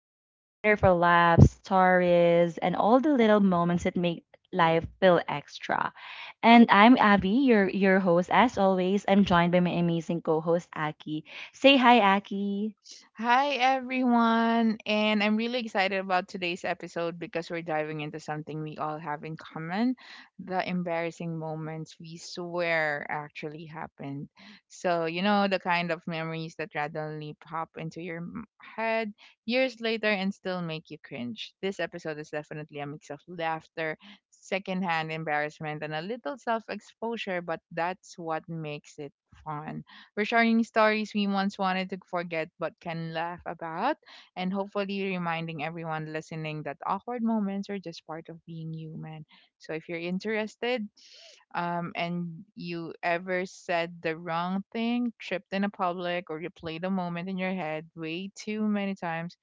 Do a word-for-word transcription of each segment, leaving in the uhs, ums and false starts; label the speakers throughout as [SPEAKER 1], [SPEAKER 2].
[SPEAKER 1] uh, corner for laughs, stories, and all the little moments that make life feel extra. And I'm Abby, your your host. As always, I'm joined by my amazing co-host Aki. Say hi, Aki.
[SPEAKER 2] Hi, everyone. And I'm really excited about today's episode because we're diving into something we all have in common, the embarrassing moments we swear actually happened. So, you know, the kind of memories that randomly pop into your m- head years later and still make you cringe. This episode is definitely a mix of laughter, secondhand embarrassment, and a little self exposure, but that's what makes it fun. We're sharing stories we once wanted to forget but can laugh about, and hopefully reminding everyone listening that awkward moments are just part of being human. So if you're interested, um, and you ever said the wrong thing, tripped in a public, or replayed a moment in your head way too many times,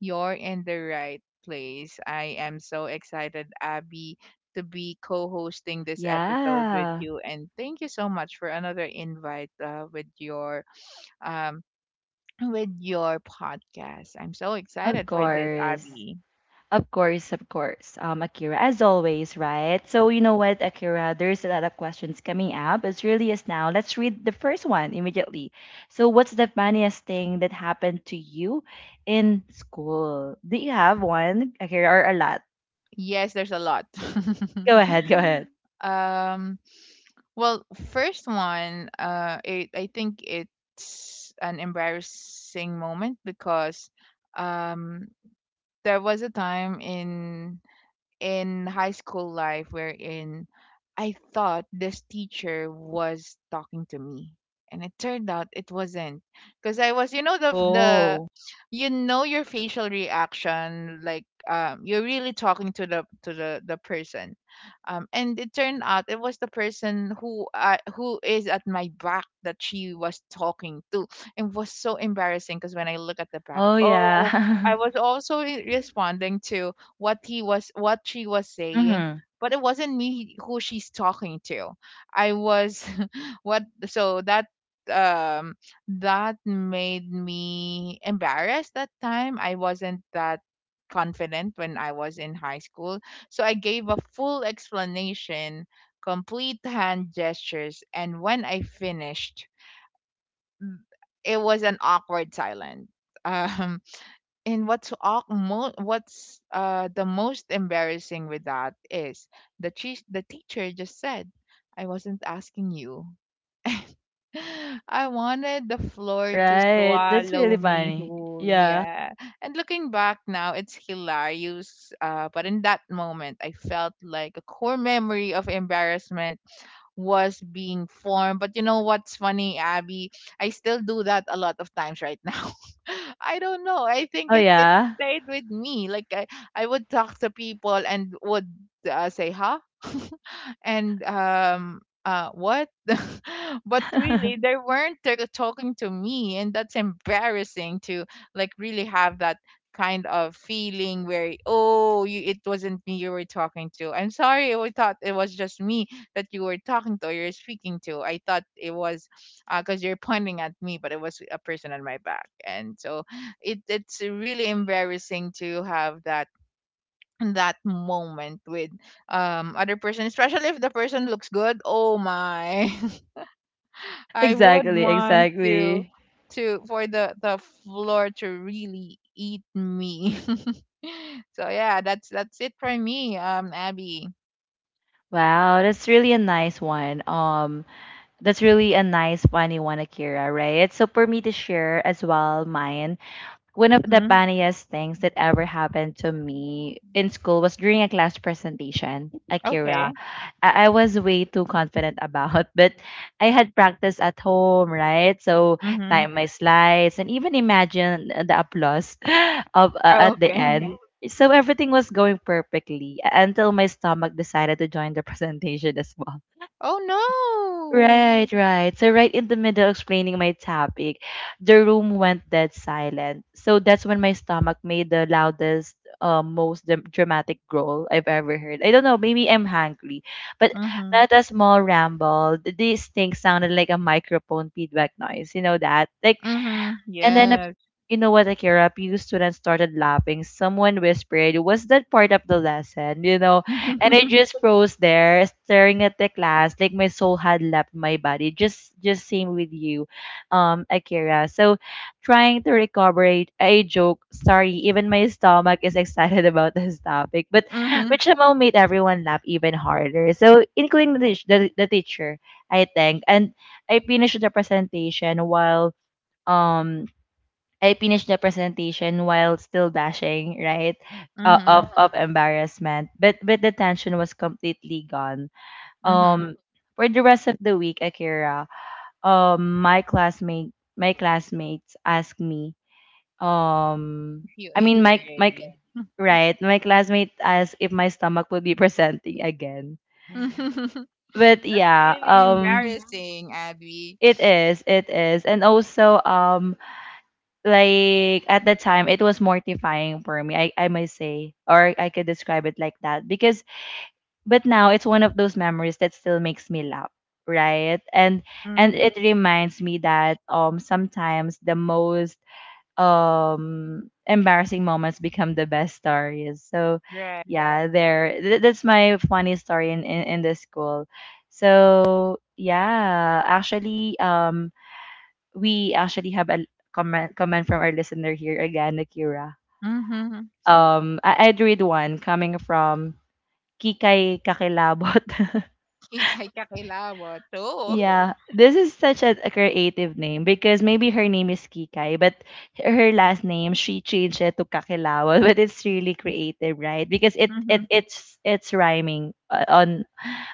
[SPEAKER 2] you're in the right place. I am so excited, Abby, to be co hosting this episode with
[SPEAKER 1] Yeah,
[SPEAKER 2] you. And thank you so much for another invite uh, with your. Um, with your podcast. I'm so
[SPEAKER 1] of
[SPEAKER 2] excited for this,
[SPEAKER 1] course.
[SPEAKER 2] Abby.
[SPEAKER 1] Of course, of course. Um, Akira, as always, right? So you know what, Akira, there's a lot of questions coming up as early as now. Let's read the first one immediately. So what's the funniest thing that happened to you in school? Do you have one, Akira, or a lot?
[SPEAKER 2] Yes, there's a lot.
[SPEAKER 1] Go ahead, go ahead.
[SPEAKER 2] um, well, first one, uh, it, I think it's an embarrassing moment because um, there was a time in in high school life wherein I thought this teacher was talking to me. And it turned out it wasn't. Because I was, you know, the, the,
[SPEAKER 1] Oh.
[SPEAKER 2] you know, your facial reaction, like, um, you're really talking to the, to the, the person. Um, and it turned out it was the person who, uh, who is at my back that she was talking to. It was so embarrassing because when I look at the back,
[SPEAKER 1] Oh
[SPEAKER 2] oh,
[SPEAKER 1] yeah.
[SPEAKER 2] I was also re- responding to what he was what she was saying,
[SPEAKER 1] mm-hmm.
[SPEAKER 2] but it wasn't me who she's talking to. I was what, so that um that made me embarrassed. That time I wasn't that confident when I was in high school, so I gave a full explanation, complete hand gestures. And when I finished, it was an awkward silence. um and what's awk- mo- what's uh the most embarrassing with that is the chi- the teacher just said, "I wasn't asking you." I wanted the floor to
[SPEAKER 1] Right. That's really
[SPEAKER 2] swallow me
[SPEAKER 1] funny.
[SPEAKER 2] whole.
[SPEAKER 1] Yeah.
[SPEAKER 2] Yeah. And looking back now, it's hilarious. Uh, but in that moment, I felt like a core memory of embarrassment was being formed. But you know what's funny, Abby? I still do that a lot of times right now. I don't know. I think
[SPEAKER 1] Oh
[SPEAKER 2] it it
[SPEAKER 1] yeah.
[SPEAKER 2] stayed with me. Like I, I would talk to people and would uh, say, "Huh." and um uh what but really they weren't t- talking to me, and that's embarrassing to, like, really have that kind of feeling where, oh, you, it wasn't me you were talking to. I'm sorry, I thought it was just me that you were talking to or you're speaking to. I thought it was because you're pointing at me, but it was a person on my back. And so it it's really embarrassing to have that that moment with um other person, especially if the person looks good. Oh my. I would
[SPEAKER 1] exactly,
[SPEAKER 2] want to
[SPEAKER 1] exactly.
[SPEAKER 2] to for the the floor to really eat me. So yeah, that's that's it for me, um Abby.
[SPEAKER 1] Wow, that's really a nice one. Um That's really a nice funny one, Akira, right? So for me to share as well mine, one of the
[SPEAKER 2] Mm-hmm.
[SPEAKER 1] funniest things that ever happened to me in school was during a class presentation,
[SPEAKER 2] Okay.
[SPEAKER 1] Akira. I, I was way too confident about, but I had practice at home, right? So
[SPEAKER 2] Mm-hmm.
[SPEAKER 1] time my slides and even imagine the applause of uh, at the
[SPEAKER 2] Okay.
[SPEAKER 1] end. So everything was going perfectly until my stomach decided to join the presentation as well.
[SPEAKER 2] Oh no.
[SPEAKER 1] Right, right. So right in the middle explaining my topic, the room went dead silent. So that's when my stomach made the loudest, uh, most dram- dramatic growl I've ever heard. I don't know, maybe I'm hungry, but
[SPEAKER 2] Mm-hmm.
[SPEAKER 1] not a small ramble. th- This thing sounded like a microphone feedback noise. You know that? Like
[SPEAKER 2] Mm-hmm,
[SPEAKER 1] and then, ap-
[SPEAKER 2] yes.
[SPEAKER 1] you know what, Akira? A few students started laughing. Someone whispered, Was that part of the lesson? You know? And I
[SPEAKER 2] Mm-hmm.
[SPEAKER 1] just froze there, staring at the class, like my soul had left my body. Just just same with you, um, Akira. So trying to recover a, a joke. Sorry, even my stomach is excited about this topic. But which somehow made everyone laugh even harder. So including the, teach- the, the teacher, I think. And I finished the presentation while um I finished the presentation while still bashing, right? Uh, of
[SPEAKER 2] Mm-hmm.
[SPEAKER 1] of embarrassment, but but the tension was completely gone.
[SPEAKER 2] Mm-hmm.
[SPEAKER 1] Um, for the rest of the week, Akira, um, my classmate, my classmates asked me, um,
[SPEAKER 2] If you
[SPEAKER 1] I
[SPEAKER 2] ate
[SPEAKER 1] mean, my my
[SPEAKER 2] already.
[SPEAKER 1] right, my classmate asked if my stomach would be presenting again. But yeah,
[SPEAKER 2] Really
[SPEAKER 1] um,
[SPEAKER 2] embarrassing, Abby.
[SPEAKER 1] it is, it is, and also um, like at the time it was mortifying for me I, I must say or I could describe it like that because but now it's one of those memories that still makes me laugh right and
[SPEAKER 2] Mm-hmm.
[SPEAKER 1] and it reminds me that um sometimes the most um embarrassing moments become the best stories. So
[SPEAKER 2] Right.
[SPEAKER 1] yeah, there th- that's my funny story in in, in the school. So yeah actually um we actually have a comment comment from our listener here again, Akira.
[SPEAKER 2] Mm-hmm.
[SPEAKER 1] Um, I- I'd read one coming from Kikay Kakilabot.
[SPEAKER 2] Ikay kakilawat. Oh.
[SPEAKER 1] Yeah, this is such a, a creative name because maybe her name is Kikay, but her last name she changed it to Kakilawat. But it's really creative, right? Because it
[SPEAKER 2] Mm-hmm.
[SPEAKER 1] it it's it's rhyming uh, on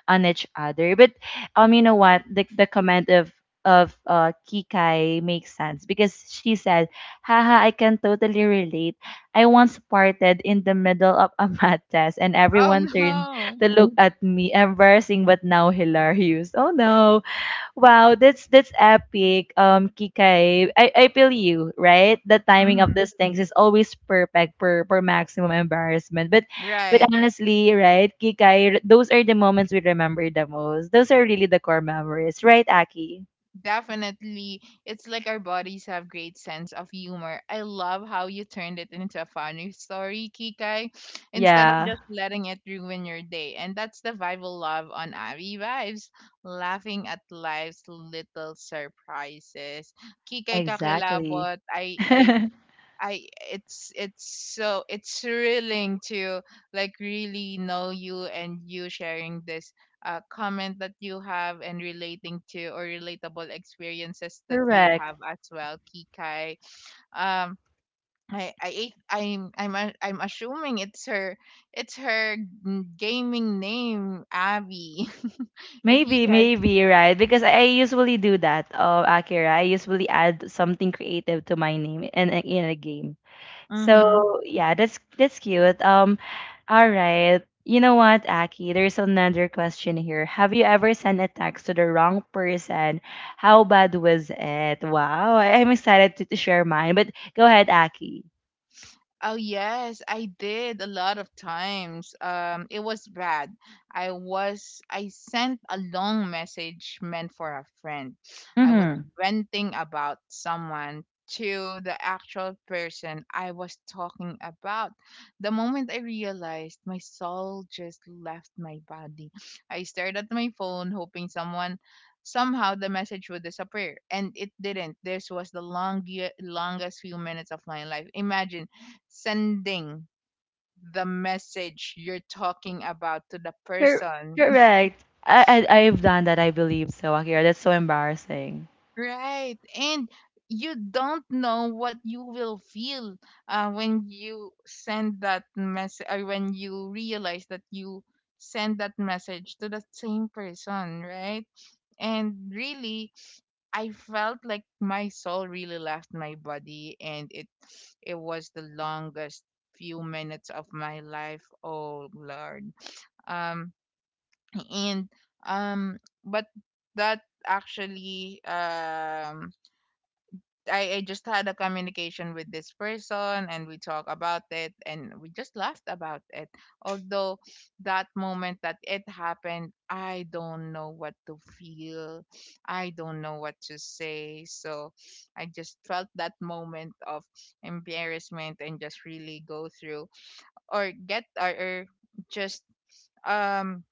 [SPEAKER 1] on each other. But um, you know what? The the comment of of uh, Kikai makes sense because she said, "Haha, I can totally relate. I once parted in the middle of a math test, and
[SPEAKER 2] Oh
[SPEAKER 1] everyone turned
[SPEAKER 2] no.
[SPEAKER 1] to look at me, embarrassing but now hilarious." Oh no, wow, that's that's epic. Um, Kikai, I, I feel you, right? The timing of
[SPEAKER 2] Mm-hmm.
[SPEAKER 1] these things is always perfect for for maximum embarrassment. But but
[SPEAKER 2] Right.
[SPEAKER 1] honestly, right, Kikai, those are the moments we remember the most. Those are really the core memories, right, Aki?
[SPEAKER 2] Definitely. It's like our bodies have great sense of humor. I love how you turned it into a funny story, Kikai, instead of
[SPEAKER 1] Yeah,
[SPEAKER 2] just letting it ruin your day. And that's the vibe I love on Abby Vibes, laughing at life's little surprises. Kikai
[SPEAKER 1] exactly.
[SPEAKER 2] kakilabot, I I I it's it's so it's thrilling to, like, really know you, and you sharing this uh, comment that you have and relating to or relatable experiences that you
[SPEAKER 1] Correct.
[SPEAKER 2] have as well, Kikai. Um, I I ate- I'm I'm a- I'm assuming it's her, it's her gaming name, Abby. If he
[SPEAKER 1] Maybe,
[SPEAKER 2] has.
[SPEAKER 1] maybe, right? Because I I usually do that, uh, Akira. I usually add something creative to my name in a, in a game. So
[SPEAKER 2] Mm-hmm.
[SPEAKER 1] yeah, that's that's cute. Um, all right. You know what, Aki? There's another question here. Have you ever sent a text to the wrong person? How bad was it? Wow, I- I'm excited to, to share mine. But go ahead, Aki.
[SPEAKER 2] Oh yes, I did a lot of times. Um, it was bad. I was I sent a long message meant for a friend. I was
[SPEAKER 1] Mm-hmm.
[SPEAKER 2] ranting about someone to the actual person I was talking about. The moment I realized my soul just left my body, I stared at my phone, hoping someone somehow the message would disappear, and it didn't. This was the long, longest few minutes of my life. Imagine sending the message you're talking about to the
[SPEAKER 1] Cor-
[SPEAKER 2] person.
[SPEAKER 1] Correct. I, I I've done that. I believe so, Akira. That's so embarrassing.
[SPEAKER 2] Right. And you don't know what you will feel uh, when you send that message or when you realize that you send that message to the same person, right? And really, I felt like my soul really left my body, and it it was the longest few minutes of my life. Oh Lord, um, and um but that actually, um I, I just had a communication with this person, and we talk about it and we just laughed about it, although that moment that it happened, I don't know what to feel, I don't know what to say. So I just felt that moment of embarrassment and just really go through or get or, or just um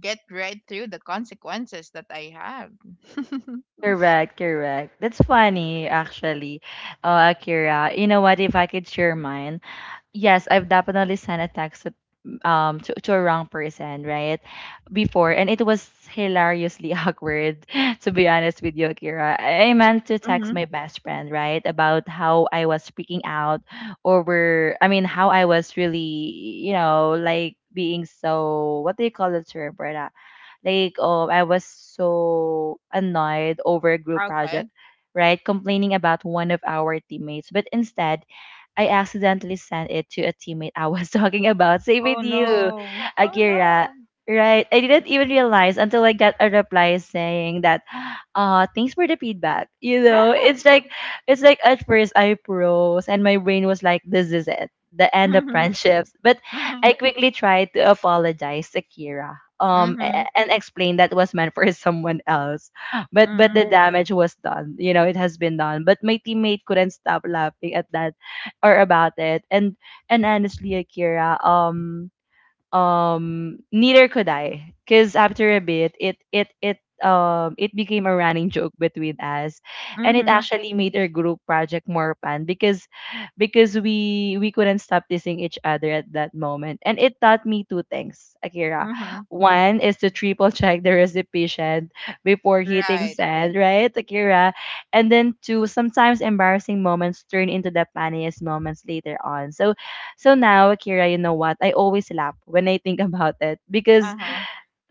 [SPEAKER 2] get right through the consequences that I have.
[SPEAKER 1] Correct, correct. That's funny, actually. Uh, Akira, you know what? If I could share mine, yes, I've definitely sent a text to- um to, to a wrong person, right? Before, and it was hilariously awkward to be honest with you, Akira. I meant to text
[SPEAKER 2] Mm-hmm.
[SPEAKER 1] my best friend, right? About how I was speaking out over I mean how I was really, you know, like being so, what do you call the term for that? Like oh I was so annoyed over a group project,
[SPEAKER 2] Okay.
[SPEAKER 1] right? Complaining about one of our teammates. But instead I accidentally sent it to a teammate I was talking about. Same
[SPEAKER 2] Oh
[SPEAKER 1] with you,
[SPEAKER 2] no. Oh
[SPEAKER 1] Akira.
[SPEAKER 2] no.
[SPEAKER 1] Right. I didn't even realize until I got a reply saying that, uh, thanks for the feedback. You know, it's like it's like at first I froze and my brain was like, This is it. The end of
[SPEAKER 2] Mhm.
[SPEAKER 1] friendships. But
[SPEAKER 2] Mhm.
[SPEAKER 1] I quickly tried to apologize Akira, Um a-
[SPEAKER 2] Mhm.
[SPEAKER 1] and explain that was meant for someone else. But but the
[SPEAKER 2] Mhm.
[SPEAKER 1] damage was done. You know, it has been done. But my teammate couldn't stop laughing at that or about it. And and honestly, Akira, um, um neither could I, because after a bit it it it um it became a running joke between us, and it
[SPEAKER 2] Mhm.
[SPEAKER 1] actually made our group project more fun, because because we we couldn't stop teasing each other at that moment, and it taught me two things Akira.
[SPEAKER 2] Mhm.
[SPEAKER 1] One is to triple check the recipient before hitting
[SPEAKER 2] Right.
[SPEAKER 1] send, right Akira? And then two, sometimes embarrassing moments turn into the funniest moments later on. So so now, Akira, you know what? I always laugh when I think about it because
[SPEAKER 2] Uh-huh.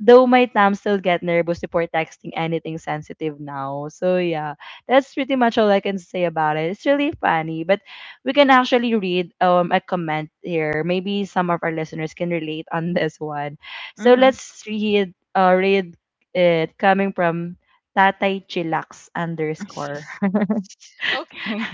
[SPEAKER 1] though my thumbs still get nervous before texting anything sensitive now. So yeah, that's pretty much all I can say about it. It's really funny, but we can actually read um a comment here. Maybe some of our listeners can relate on this one. So
[SPEAKER 2] Mhm.
[SPEAKER 1] let's read uh read it coming from Tatay Chillax underscore.
[SPEAKER 2] Okay.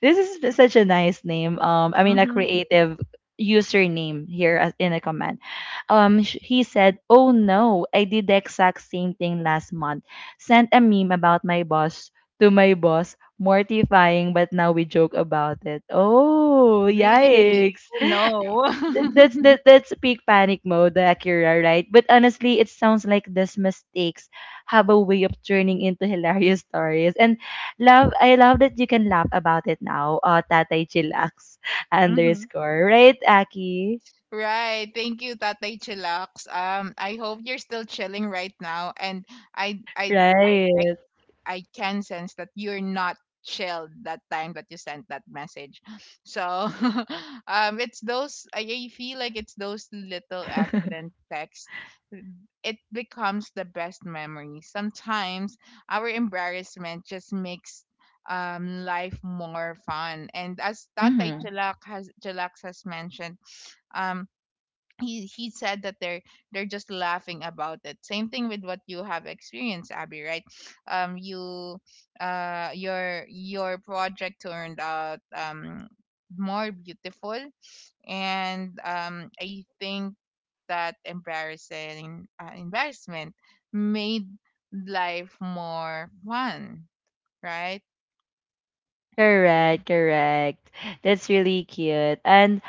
[SPEAKER 1] This is such a nice name. Um, I mean, a
[SPEAKER 2] Mhm.
[SPEAKER 1] creative username here as in a comment. Um, sh- he said, "Oh no, I did the exact same thing last month. Sent a meme about my boss to my boss. Mortifying, but now we joke about it." Oh,
[SPEAKER 2] Really?
[SPEAKER 1] yikes!
[SPEAKER 2] Oh no.
[SPEAKER 1] That- That's that, that's peak panic mode, the Akira, right? But honestly, it sounds like these mistakes have a way of turning into hilarious stories. And love, I love that you can laugh about it now. Uh, Tatay Chillax
[SPEAKER 2] Mhm.
[SPEAKER 1] underscore, right, Aki?
[SPEAKER 2] Right. Thank you, Tatay Chillax. Um, I hope you're still chilling right now. And I I I
[SPEAKER 1] Right.
[SPEAKER 2] I can sense that you're not chilled that time that you sent that message. So um it's those I I feel like it's those little accident texts. It becomes the best memory. Sometimes our embarrassment just makes um life more fun. And as Tatay
[SPEAKER 1] Mm-hmm.
[SPEAKER 2] Chalak has Chilax has mentioned, um he he said that they're they're just laughing about it, same thing with what you have experienced, Abby, right? um you uh your your project turned out um more beautiful. And um I think that embarrassing uh, embarrassment made life more fun, right?
[SPEAKER 1] Correct, correct. That's really cute. And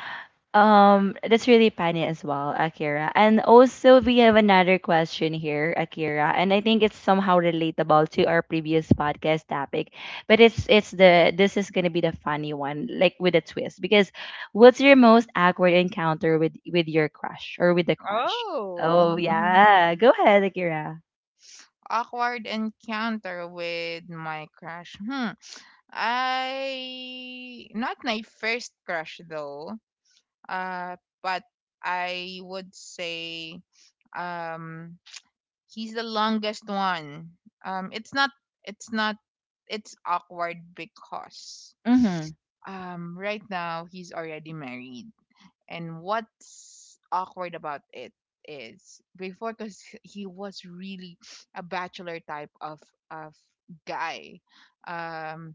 [SPEAKER 1] um, that's really funny as well, Akira. And also, we have another question here, Akira, and I think it's somehow relatable to our previous podcast topic, but it's it's the this is gonna be the funny one, like with a twist. Because what's your most awkward encounter with with your crush or with the crush?
[SPEAKER 2] Oh,
[SPEAKER 1] Oh yeah, go ahead, Akira.
[SPEAKER 2] awkward encounter with my crush. Hmm. I Not my first crush though. Uh, but I would say um he's the longest one. Um, it's not. It's not. It's awkward because
[SPEAKER 1] Mm-hmm.
[SPEAKER 2] um right now he's already married. And what's awkward about it is before, because he was really a bachelor type of of guy. Um,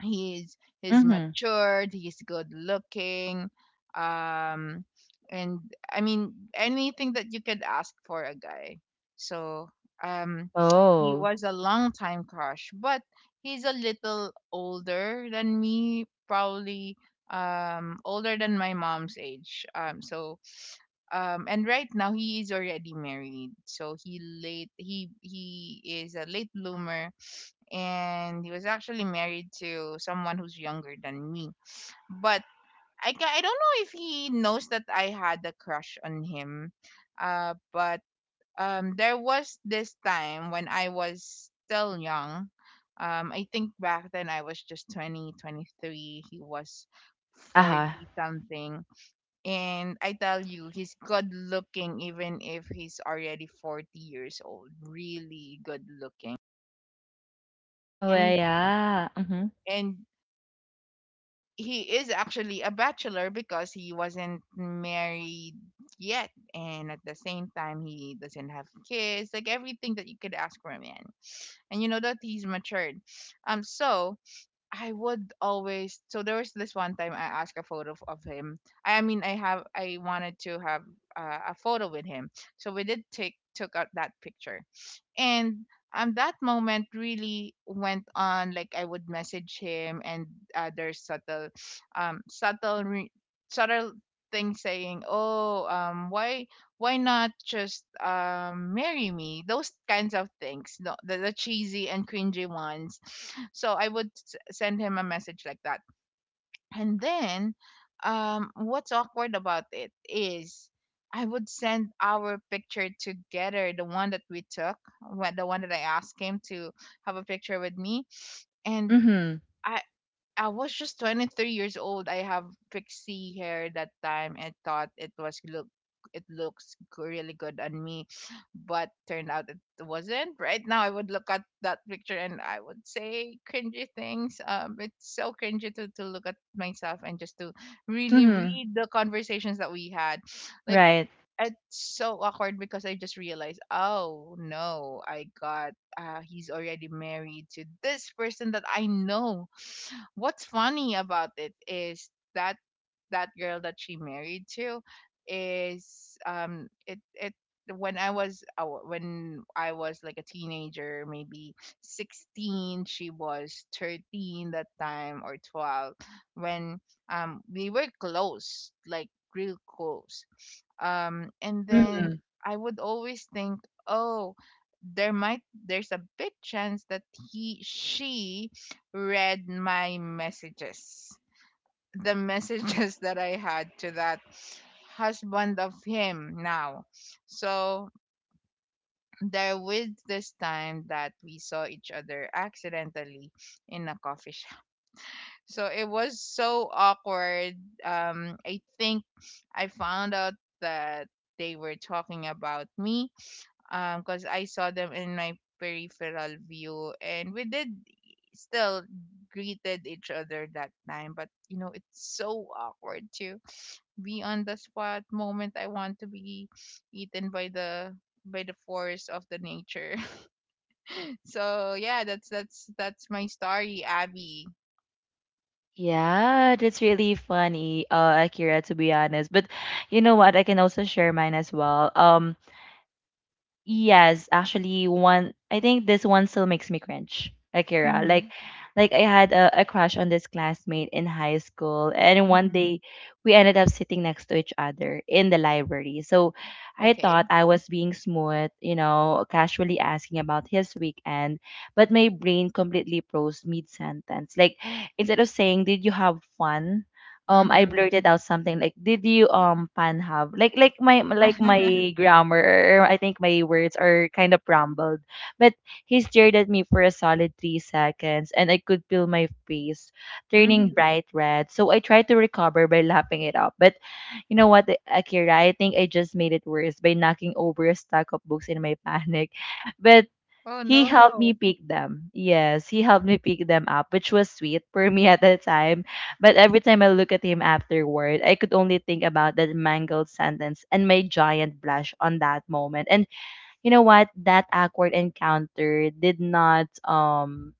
[SPEAKER 2] he's he's
[SPEAKER 1] Mm-hmm.
[SPEAKER 2] matured, he's good looking, um and I mean anything that you could ask for a guy. So um he
[SPEAKER 1] Oh,
[SPEAKER 2] was a long time crush, but he's a little older than me, probably um older than my mom's age. Um so um and right now he is already married, so he late he he is a late bloomer. And he was actually married to someone who's younger than me. But I ca- I don't know if he knows that I had a crush on him. Uh, but um, there was this time when I was still young. Um, I think back then I was just twenty, twenty-three. He was
[SPEAKER 1] uh huh.
[SPEAKER 2] forty something. And I tell you, he's good looking even if he's already forty years old. Really good looking.
[SPEAKER 1] Oh
[SPEAKER 2] And
[SPEAKER 1] yeah. Mm-hmm.
[SPEAKER 2] and he is actually a bachelor because he wasn't married yet, and at the same time he doesn't have kids, like everything that you could ask for a man, and you know that he's matured. Um so I would always So there was this one time I asked a photo of of him. I mean, i have I wanted to have uh, a photo with him. So we did take took out that picture. And um that moment really went on, like I would message him and other subtle um subtle re- subtle thing, saying, "Oh, um why why not just um marry me," those kinds of things, no, the, the cheesy and cringy ones. So I would s- send him a message like that. And then, um, what's awkward about it is I would send our picture together, the one that we took, wh- the one that I asked him to have a picture with me. And
[SPEAKER 1] Mm-hmm.
[SPEAKER 2] I, I was just twenty-three years old. I have pixie hair that time and thought it was look it looks g- really good on me, but turned out it wasn't. Right now, I would look at that picture and I would say cringy things. Um, it's so cringy to to look at myself and just to really
[SPEAKER 1] Mm-hmm.
[SPEAKER 2] read the conversations that we had. Like
[SPEAKER 1] Right.
[SPEAKER 2] it's so awkward because I just realized, oh no, I got uh, he's already married to this person that I know. What's funny about it is that that girl that she married to is um it it when I was uh, when I was like a teenager, maybe sixteen, she was thirteen that time or twelve when um we were close, like real close. Um and then
[SPEAKER 1] Mhm.
[SPEAKER 2] I would always think, "Oh, there might there's a big chance that he she read my messages. The messages that I had to that husband of him now. So there was this time that we saw each other accidentally in a coffee shop. So it was so awkward. Um, I think I found out that they were talking about me, um because I saw them in my peripheral view and we did still greeted each other that time, but you know it's so awkward to be on the spot moment. I want to be eaten by the, by the force of the nature. So yeah, that's that's that's my story, Abby.
[SPEAKER 1] Yeah, that's really funny, uh, Akira, to be honest. But you know what? I can also share mine as well. Um, Yes, actually, one. I think this one still makes me cringe, Akira. Like,
[SPEAKER 2] Mm-hmm.
[SPEAKER 1] like I had a, a crush on this classmate in high school, and one
[SPEAKER 2] Mm-hmm.
[SPEAKER 1] day we ended up sitting next to each other in the library. So I thought
[SPEAKER 2] Okay.
[SPEAKER 1] I was being smooth, you know, casually asking about his weekend, but my brain completely froze mid sentence. Like, instead of saying, "Did you have fun?" um I
[SPEAKER 2] Mm-hmm.
[SPEAKER 1] blurted out something like, did you um pan have, like like my like my grammar, or I think my words are kind of rumbled, but he stared at me for a solid three seconds and I could feel my face turning
[SPEAKER 2] Mm-hmm.
[SPEAKER 1] bright red. So I tried to recover by lapping it up, but you know what Akira, I think I just made it worse by knocking over a stack of books in my panic but
[SPEAKER 2] Oh
[SPEAKER 1] he helped me
[SPEAKER 2] no.
[SPEAKER 1] pick them. Yes, he helped me pick them up, which was sweet for me at the time. But every time I look at him afterward, I could only think about that mangled sentence and my giant blush on that moment. And you know what? That awkward encounter did not um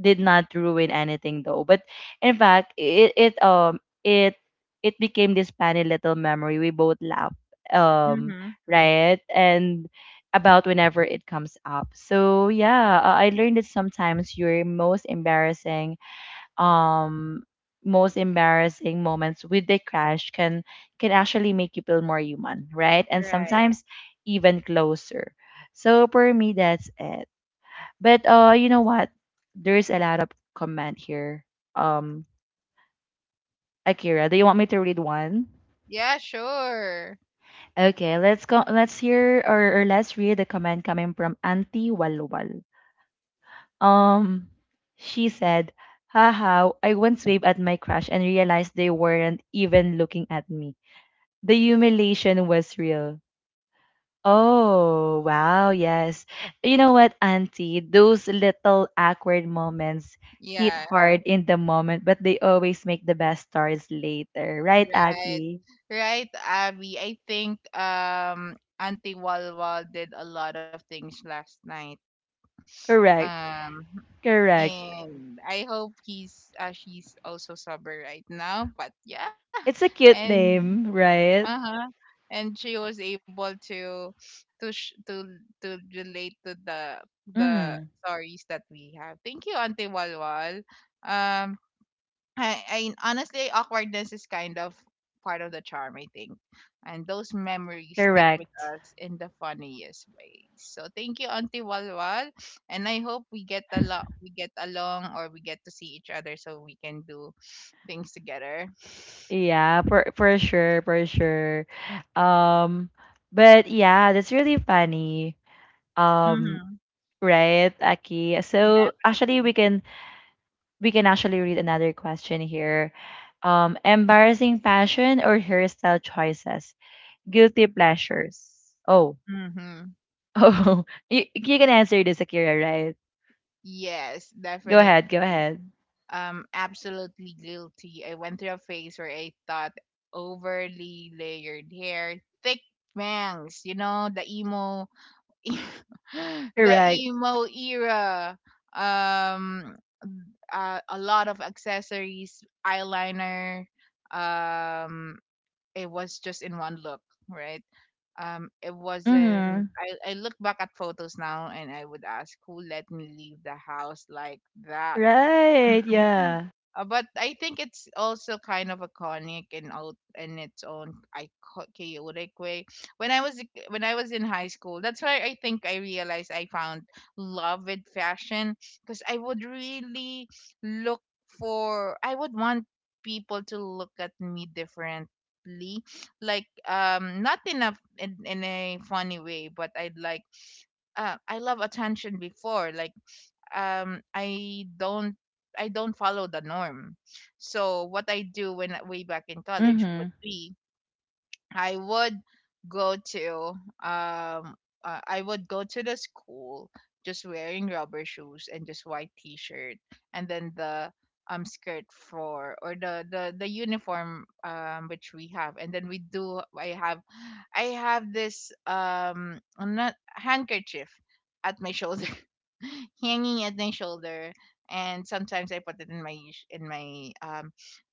[SPEAKER 1] did not ruin anything though. But in fact, it it um it it became this funny little memory. We both laugh um
[SPEAKER 2] Mm-hmm.
[SPEAKER 1] right and about whenever it comes up. So yeah, uh, I learned that sometimes your most embarrassing um most embarrassing moments with the crash can can actually make you feel more human, right? And
[SPEAKER 2] Right.
[SPEAKER 1] sometimes even closer. So for me that's it. But uh, you know what? There's a lot of comment here. Um, Akira, do you want me to read one?
[SPEAKER 2] Yeah, sure.
[SPEAKER 1] Okay, let's go. Let's hear or, or let's read the comment coming from Auntie Walwal. Um, she said, "Haha, I once waved at my crush and realized they weren't even looking at me. The humiliation was real. Oh, wow, yes. You know what, Auntie? Those little awkward moments hit
[SPEAKER 2] Yeah.
[SPEAKER 1] hard in the moment, but they always make the best stars later, right,
[SPEAKER 2] Right.
[SPEAKER 1] Aki?
[SPEAKER 2] Right, Abby. I think um Auntie Walwal did a lot of things last night.
[SPEAKER 1] Correct,
[SPEAKER 2] Um
[SPEAKER 1] correct.
[SPEAKER 2] and I hope he's uh, she's also sober right now, but yeah.
[SPEAKER 1] It's a cute
[SPEAKER 2] And
[SPEAKER 1] name, right?
[SPEAKER 2] uh-huh. And she was able to to sh- to to relate to the the
[SPEAKER 1] Mm,
[SPEAKER 2] stories that we have. Thank you, Auntie Walwal. Um I, I Honestly, awkwardness is kind of part of the charm, I think. And those memories stick with
[SPEAKER 1] correct.
[SPEAKER 2] us in the funniest way. So thank you, Auntie Walwal. And I hope we get a lot we get along, or we get to see each other so we can do things together.
[SPEAKER 1] Yeah, for for sure, for sure. Um, but yeah, that's really funny. Um,
[SPEAKER 2] Mm-hmm.
[SPEAKER 1] right, Aki? So actually,
[SPEAKER 2] Definitely.
[SPEAKER 1] we can we can actually read another question here. Um, embarrassing fashion or hairstyle choices? Guilty pleasures. Oh,
[SPEAKER 2] Mm-hmm.
[SPEAKER 1] oh, you, you can answer this, Akira, right?
[SPEAKER 2] Yes,
[SPEAKER 1] Go
[SPEAKER 2] definitely.
[SPEAKER 1] ahead, go ahead.
[SPEAKER 2] Um absolutely guilty. I went through a phase where I thought overly layered hair, thick bangs, you know, the emo, the
[SPEAKER 1] Correct.
[SPEAKER 2] emo era. Um uh, a lot of accessories, eyeliner, um it was just in one look, right? Um it wasn't
[SPEAKER 1] Mm-hmm.
[SPEAKER 2] I, I look back at photos now and I would ask, who let me leave the house like that?
[SPEAKER 1] Right, yeah.
[SPEAKER 2] Uh, but I think it's also kind of iconic in out in its own ico- chaotic way. When I was a- when I was in high school, that's why I think I realized I found love with fashion, because I would really look for I would want people to look at me differently, like, um not enough in a in, in a funny way, but I'd like, uh, I love attention before, like, um I don't I don't follow the norm. So what I do when way back in college
[SPEAKER 1] Mm-hmm.
[SPEAKER 2] would be, I would go to um uh, I would go to the school just wearing rubber shoes and just white t-shirt, and then the um skirt, for or the the the uniform, um which we have. And then we do I have I have this, um not handkerchief, at my shoulder, hanging at my shoulder, and sometimes I put it in my sh- in my um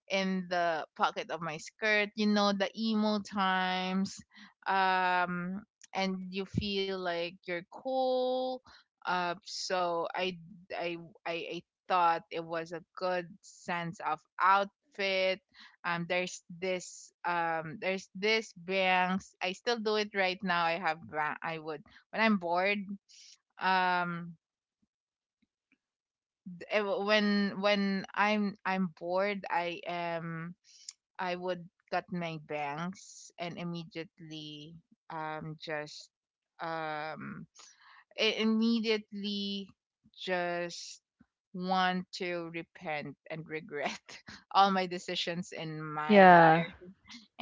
[SPEAKER 2] in the pocket of my skirt, you know, the emo times. Um, and you feel like you're cool. Uh, so I, I, I, I thought it was a good sense of outfit. Um, there's this, um, there's this bangs. I still do it right now. I have, ba- I would, when I'm bored. Um, eh, when when I'm I'm bored, I am I would cut my bangs and immediately um just um i- immediately just want to repent and regret all my decisions in my
[SPEAKER 1] Yeah,
[SPEAKER 2] life.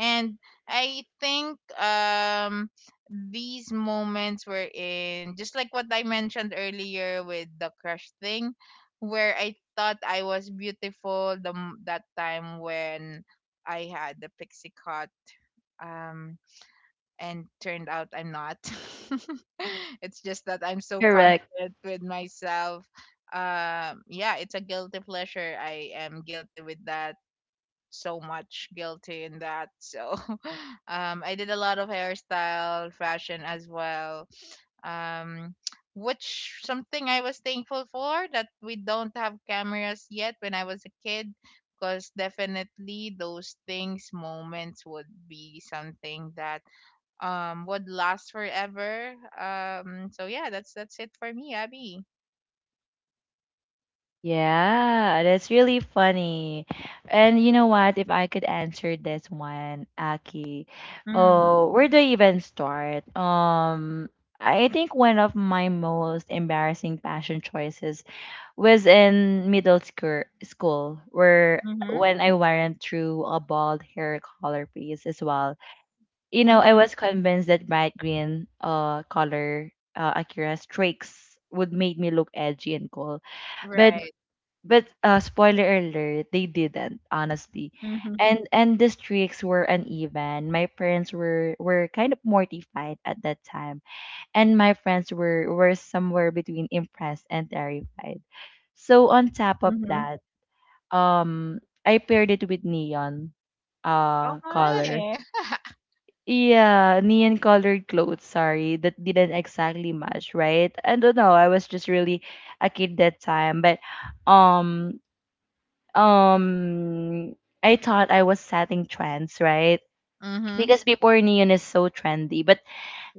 [SPEAKER 2] And I think, um these moments were in just like what I mentioned earlier with the crush thing, where I thought I was beautiful, the m- that time when I had the pixie cut, um and turned out I'm not. It's just that I'm so
[SPEAKER 1] correct.
[SPEAKER 2] confident with myself. Um yeah, it's a guilty pleasure. I am guilty with that, so much guilty in that. So um, I did a lot of hairstyle, fashion as well. Um, which, something I was thankful for, that we don't have cameras yet when I was a kid. Because definitely those things, moments would be something that um would last forever. Um, so yeah, that's that's it for me, Abby.
[SPEAKER 1] Yeah, that's really funny. And you know what? If I could answer this one, Aki,
[SPEAKER 2] Mm.
[SPEAKER 1] oh, where do I even start? Um, I think one of my most embarrassing fashion choices was in middle school, school where
[SPEAKER 2] Mm-hmm.
[SPEAKER 1] when I went through a bald hair color phase as well. You know, I
[SPEAKER 2] Mm-hmm.
[SPEAKER 1] was convinced that bright green uh color uh Akira streaks would make me look edgy and cool but
[SPEAKER 2] Right.
[SPEAKER 1] but uh, spoiler alert, they didn't honestly,
[SPEAKER 2] Mm-hmm.
[SPEAKER 1] and and the streaks were uneven. My parents were were kind of mortified at that time, and my friends were were somewhere between impressed and terrified. So on top of
[SPEAKER 2] Mm-hmm.
[SPEAKER 1] that, um, I paired it with neon,
[SPEAKER 2] Oh
[SPEAKER 1] uh, color.
[SPEAKER 2] my.
[SPEAKER 1] Yeah, neon colored clothes, sorry, that didn't exactly match, right? I don't know, I was just really a kid that time, but um um I thought I was setting trends, right?
[SPEAKER 2] Mm-hmm.
[SPEAKER 1] Because before neon is so trendy, but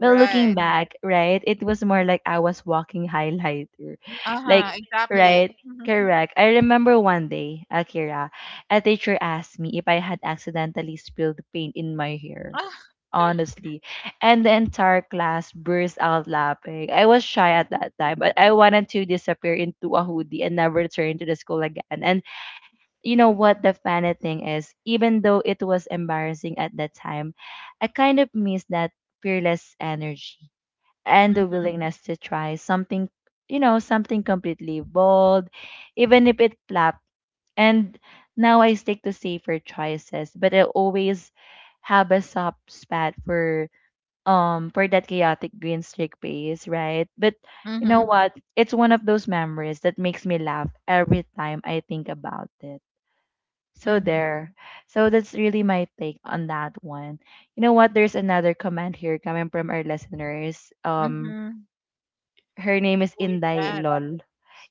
[SPEAKER 1] but looking back, right, it was more like I was walking highlighter,
[SPEAKER 2] Uh-huh,
[SPEAKER 1] like
[SPEAKER 2] exactly.
[SPEAKER 1] right,
[SPEAKER 2] Mhm.
[SPEAKER 1] correct. I remember one day, Akira, a teacher asked me if I had accidentally spilled paint in my hair.
[SPEAKER 2] Ah.
[SPEAKER 1] Honestly, and the entire class burst out laughing. I was shy at that time, but I wanted to disappear into a hoodie and never return to the school again. And you know what the funny thing is, even though it was embarrassing at that time, I kind of miss that fearless energy and the willingness to try something, you know, something completely bold, even if it flopped. And now I stick to safer choices, but I always have a soft spot for um for that chaotic green streak base, right? But you know
[SPEAKER 2] Mhm.
[SPEAKER 1] what? It's one of those memories that makes me laugh every time I think about it. So
[SPEAKER 2] Mhm.
[SPEAKER 1] there. So that's really my take on that one. You know what? There's another comment here coming from our listeners. Um,
[SPEAKER 2] Mhm.
[SPEAKER 1] her name is
[SPEAKER 2] Who is
[SPEAKER 1] Inday
[SPEAKER 2] that?
[SPEAKER 1] Lol.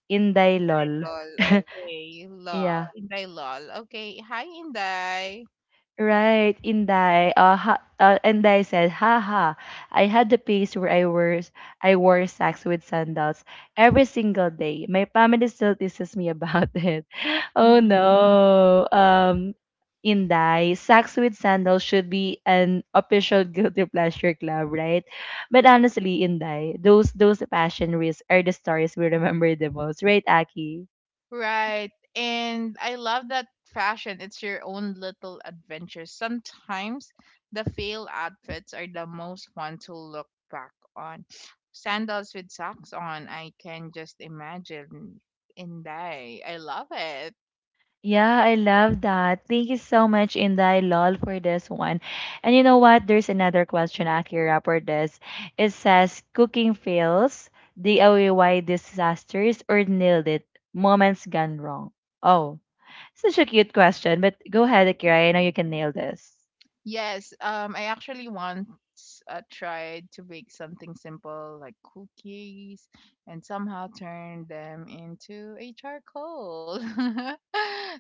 [SPEAKER 1] Inday Lol.
[SPEAKER 2] Lol. Okay, lol.
[SPEAKER 1] yeah.
[SPEAKER 2] Inday lol. Okay, hi, Inday.
[SPEAKER 1] Right, Inday. Uh, ha, uh, Inday said, "Haha, I had the phase where I wore I wore socks with sandals every single day. My family still teases me about it. Oh
[SPEAKER 2] Mhm.
[SPEAKER 1] no, um, Inday, socks with sandals should be an official guilty pleasure club, right? But honestly, Inday, those those passion risks are the stories we remember the most, right, Aki?
[SPEAKER 2] Right. And I love that fashion. It's your own little adventure. Sometimes the fail outfits are the most fun to look back on. Sandals with socks on. I can just imagine, Inday. I love it.
[SPEAKER 1] Yeah, I love that. Thank you so much, Inday Lol, for this one. And you know what? There's another question, Akira, for this. It says, cooking fails, D I Y disasters, or nailed it, moments gone wrong. Oh, such a cute question, but go ahead, Akira. I know you can nail this.
[SPEAKER 2] Yes, um, I actually once uh, tried to bake something simple like cookies and somehow turned them into a charcoal.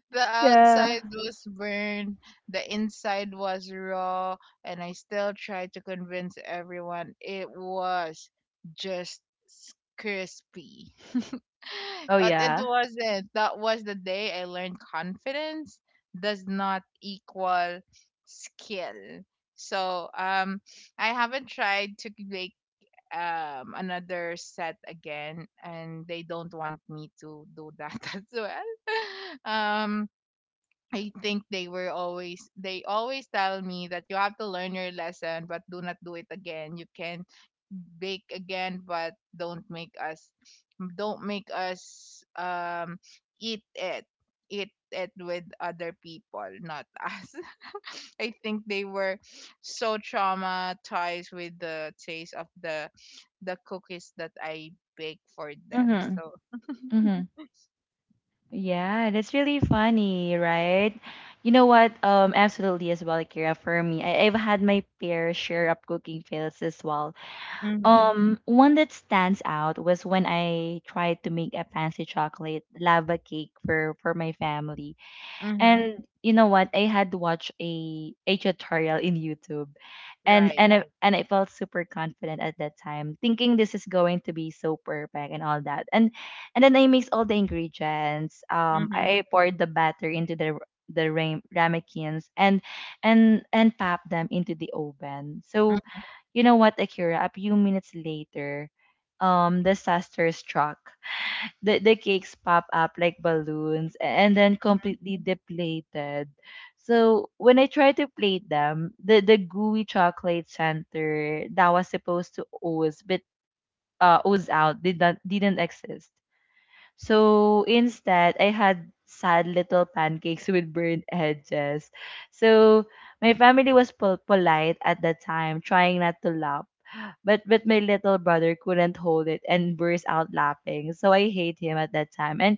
[SPEAKER 2] The
[SPEAKER 1] Yeah.
[SPEAKER 2] outside was burned, the inside was raw, and I still tried to convince everyone it was just s- crispy.
[SPEAKER 1] Oh,
[SPEAKER 2] But it
[SPEAKER 1] yeah.
[SPEAKER 2] wasn't. That was the day I learned confidence does not equal skill. So um, I haven't tried to make, um another set again, and they don't want me to do that as well. Um, I think they were always they always tell me that you have to learn your lesson, but do not do it again. You can bake again, but don't make us don't make us um eat it eat it with other people, not us. I think they were so traumatized with the taste of the the cookies that I bake for them,
[SPEAKER 1] Mm-hmm.
[SPEAKER 2] so.
[SPEAKER 1] Mm-hmm. Yeah, that's really funny, right? You know what? Um, absolutely as well, Akira, for me. I, I've had my fair share of cooking fails as well.
[SPEAKER 2] Mm-hmm.
[SPEAKER 1] Um, one that stands out was when I tried to make a fancy chocolate lava cake for for my family.
[SPEAKER 2] Mm-hmm.
[SPEAKER 1] And you know what? I had watched a a tutorial in YouTube and
[SPEAKER 2] Right.
[SPEAKER 1] and I, and I felt super confident at that time, thinking this is going to be so perfect and all that. And and then I mixed all the ingredients. Um,
[SPEAKER 2] Mm-hmm.
[SPEAKER 1] I poured the batter into the the ram- ramekins and and and popped them into the oven. So,
[SPEAKER 2] Mm-hmm.
[SPEAKER 1] you know what, Akira? A few minutes later, um, disaster struck the, the cakes pop up like balloons and then
[SPEAKER 2] Mm-hmm.
[SPEAKER 1] completely deflated. So when I tried to plate them, the, the gooey chocolate center that was supposed to ooze but uh, ooze out did not didn't exist. So instead, I had sad little pancakes with burned edges. So my family was pol- polite at the time, trying not to laugh. But but my little brother couldn't hold it and burst out laughing. So I hate him at that time. And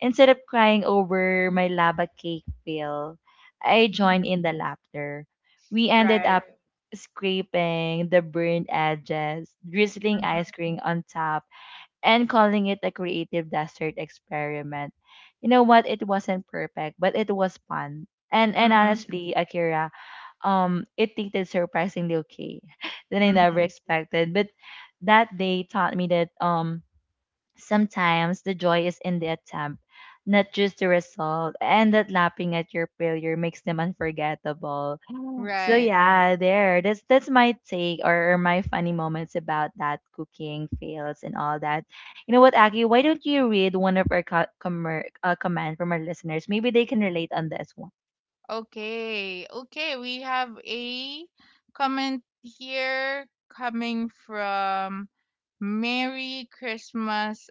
[SPEAKER 1] Instead of crying over my lava cake fail, I joined
[SPEAKER 2] Mm-hmm.
[SPEAKER 1] in the laughter. We ended
[SPEAKER 2] Right.
[SPEAKER 1] up scraping the burned edges, drizzling
[SPEAKER 2] Mm-hmm.
[SPEAKER 1] ice cream on top, and calling it a creative dessert experiment. You know what? It wasn't perfect, but it was fun. And and
[SPEAKER 2] Mm-hmm.
[SPEAKER 1] honestly, Akira, um, it tasted surprisingly okay than I never
[SPEAKER 2] Mm-hmm.
[SPEAKER 1] expected. But that day taught me that um sometimes the joy is in the attempt, not just the result, and that laughing at your failure makes them unforgettable. So
[SPEAKER 2] Right.
[SPEAKER 1] yeah, there. That's that's my take or, or my funny moments about that cooking fails and all that. You know what, Aki? Why don't you read one of our co- commer uh, comment from our listeners? Maybe they can relate on this one.
[SPEAKER 2] Okay. Okay. We have a comment here coming from Merry Christmas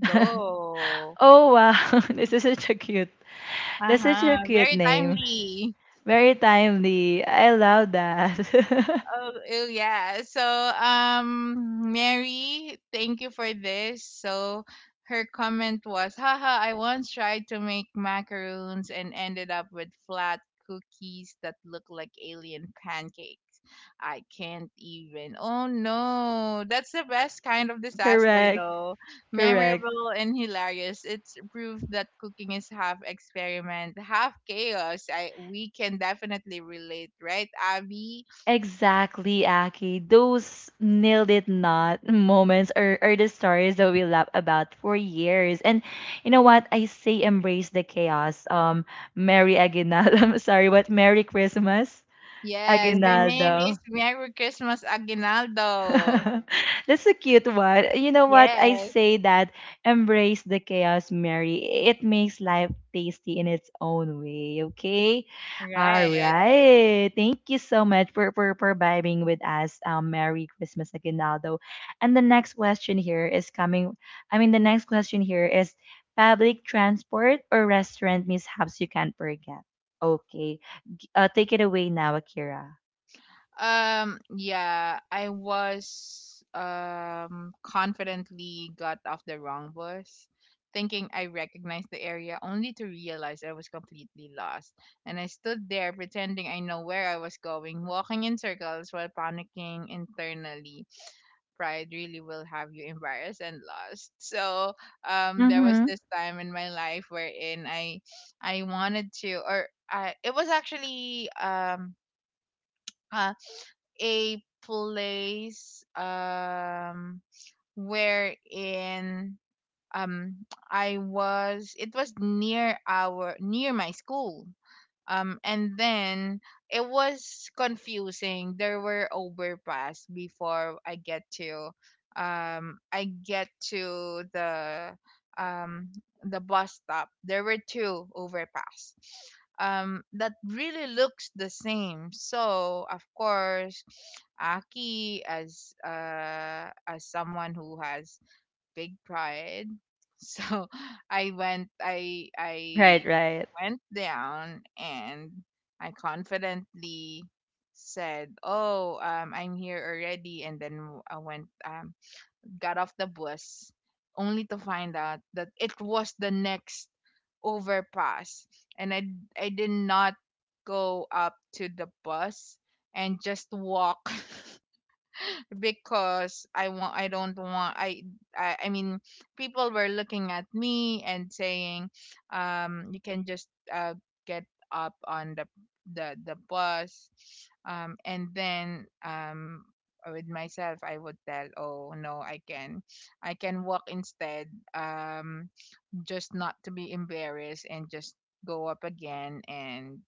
[SPEAKER 1] oh wow, this is such a cute. That's such a
[SPEAKER 2] Uh-huh.
[SPEAKER 1] cute
[SPEAKER 2] Very
[SPEAKER 1] name.
[SPEAKER 2] timely.
[SPEAKER 1] Very timely. I love that.
[SPEAKER 2] Oh, oh, yeah. So, um, Mary, thank you for this. So her comment was, "Haha, I once tried to make macaroons and ended up with flat cookies that look like alien pancakes. I can't even." Oh, no. That's the best kind of disaster,
[SPEAKER 1] correct.
[SPEAKER 2] though.
[SPEAKER 1] Correct.
[SPEAKER 2] Memorable and hilarious. It's proof that cooking is half experiment, half chaos. I, we can definitely relate, right, Abby?
[SPEAKER 1] Exactly, Aki. Those nailed it not moments are, are the stories that we laugh about for years. And you know what? I say embrace the chaos. Um, Merry Aguinaldo. I'm sorry, but Merry Christmas,
[SPEAKER 2] Yes, her name is
[SPEAKER 1] Aguinaldo.
[SPEAKER 2] Merry Christmas Aguinaldo.
[SPEAKER 1] That's a cute one. You know what? I
[SPEAKER 2] Yes,
[SPEAKER 1] say that embrace the chaos, Mary. It makes life tasty in its own way. Okay. All
[SPEAKER 2] right.
[SPEAKER 1] right. Thank you so much for for, for vibing with us. Um, Merry Christmas, Aguinaldo. And the next question here is coming. I mean, the next question here is public transport or restaurant mishaps you can't forget. Okay. G- Uh, take it away now, Akira.
[SPEAKER 2] Um, yeah, I was um confidently got off the wrong bus, thinking I recognized the area, only to realize I was completely lost. And I stood there pretending I know where I was going, walking in circles while panicking internally. Pride really will have you embarrassed and lost. So um, there was
[SPEAKER 1] Mm-hmm.
[SPEAKER 2] this time in my life wherein I I wanted to, or I, it was actually, um, uh, a place, um, wherein, um, I was it was near our near my school, um, and then it was confusing. There were overpass before I get to um I get to the um the bus stop. There were two overpass, um that really looks the same. So of course Aki, as uh as someone who has big pride. So I went I
[SPEAKER 1] Right.
[SPEAKER 2] I
[SPEAKER 1] Right.
[SPEAKER 2] went down and I confidently said, "Oh, um, I'm here already," and then I went, um, got off the bus, only to find out that it was the next overpass, and I I did not go up to the bus, and just walk. Because I want I don't want I, I I mean, people were looking at me and saying, um you can just, uh, get up on the the the bus, um and then, um with myself I would tell, oh no, I can I can walk instead, um just not to be embarrassed, and just go up again, and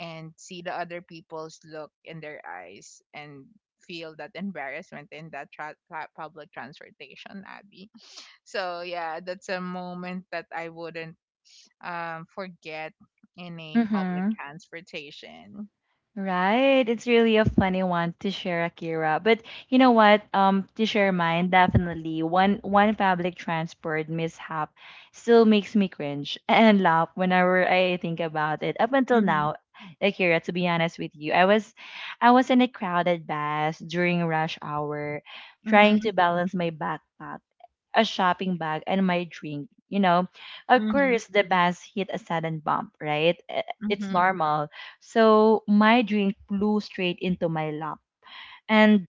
[SPEAKER 2] and see the other people's look in their eyes and feel that embarrassment in that tra- tra- public transportation, Abby. So yeah, that's a moment that I wouldn't, um, forget in a public
[SPEAKER 1] Mm-hmm.
[SPEAKER 2] transportation.
[SPEAKER 1] Right. It's really a funny one to share, Akira. But you know what? Um, to share mine, definitely one one public transport mishap still makes me cringe and laugh whenever I think about it. Up until
[SPEAKER 2] Mhm.
[SPEAKER 1] now, Akira, to be honest with you, I was I was in a crowded bus during rush hour, trying to
[SPEAKER 2] Mhm.
[SPEAKER 1] balance my backpack a shopping bag, and my drink. You know, of
[SPEAKER 2] Mhm.
[SPEAKER 1] course, the bus hit a sudden bump, right? Eh, it's
[SPEAKER 2] Mhm.
[SPEAKER 1] normal. So my drink flew straight into my lap. And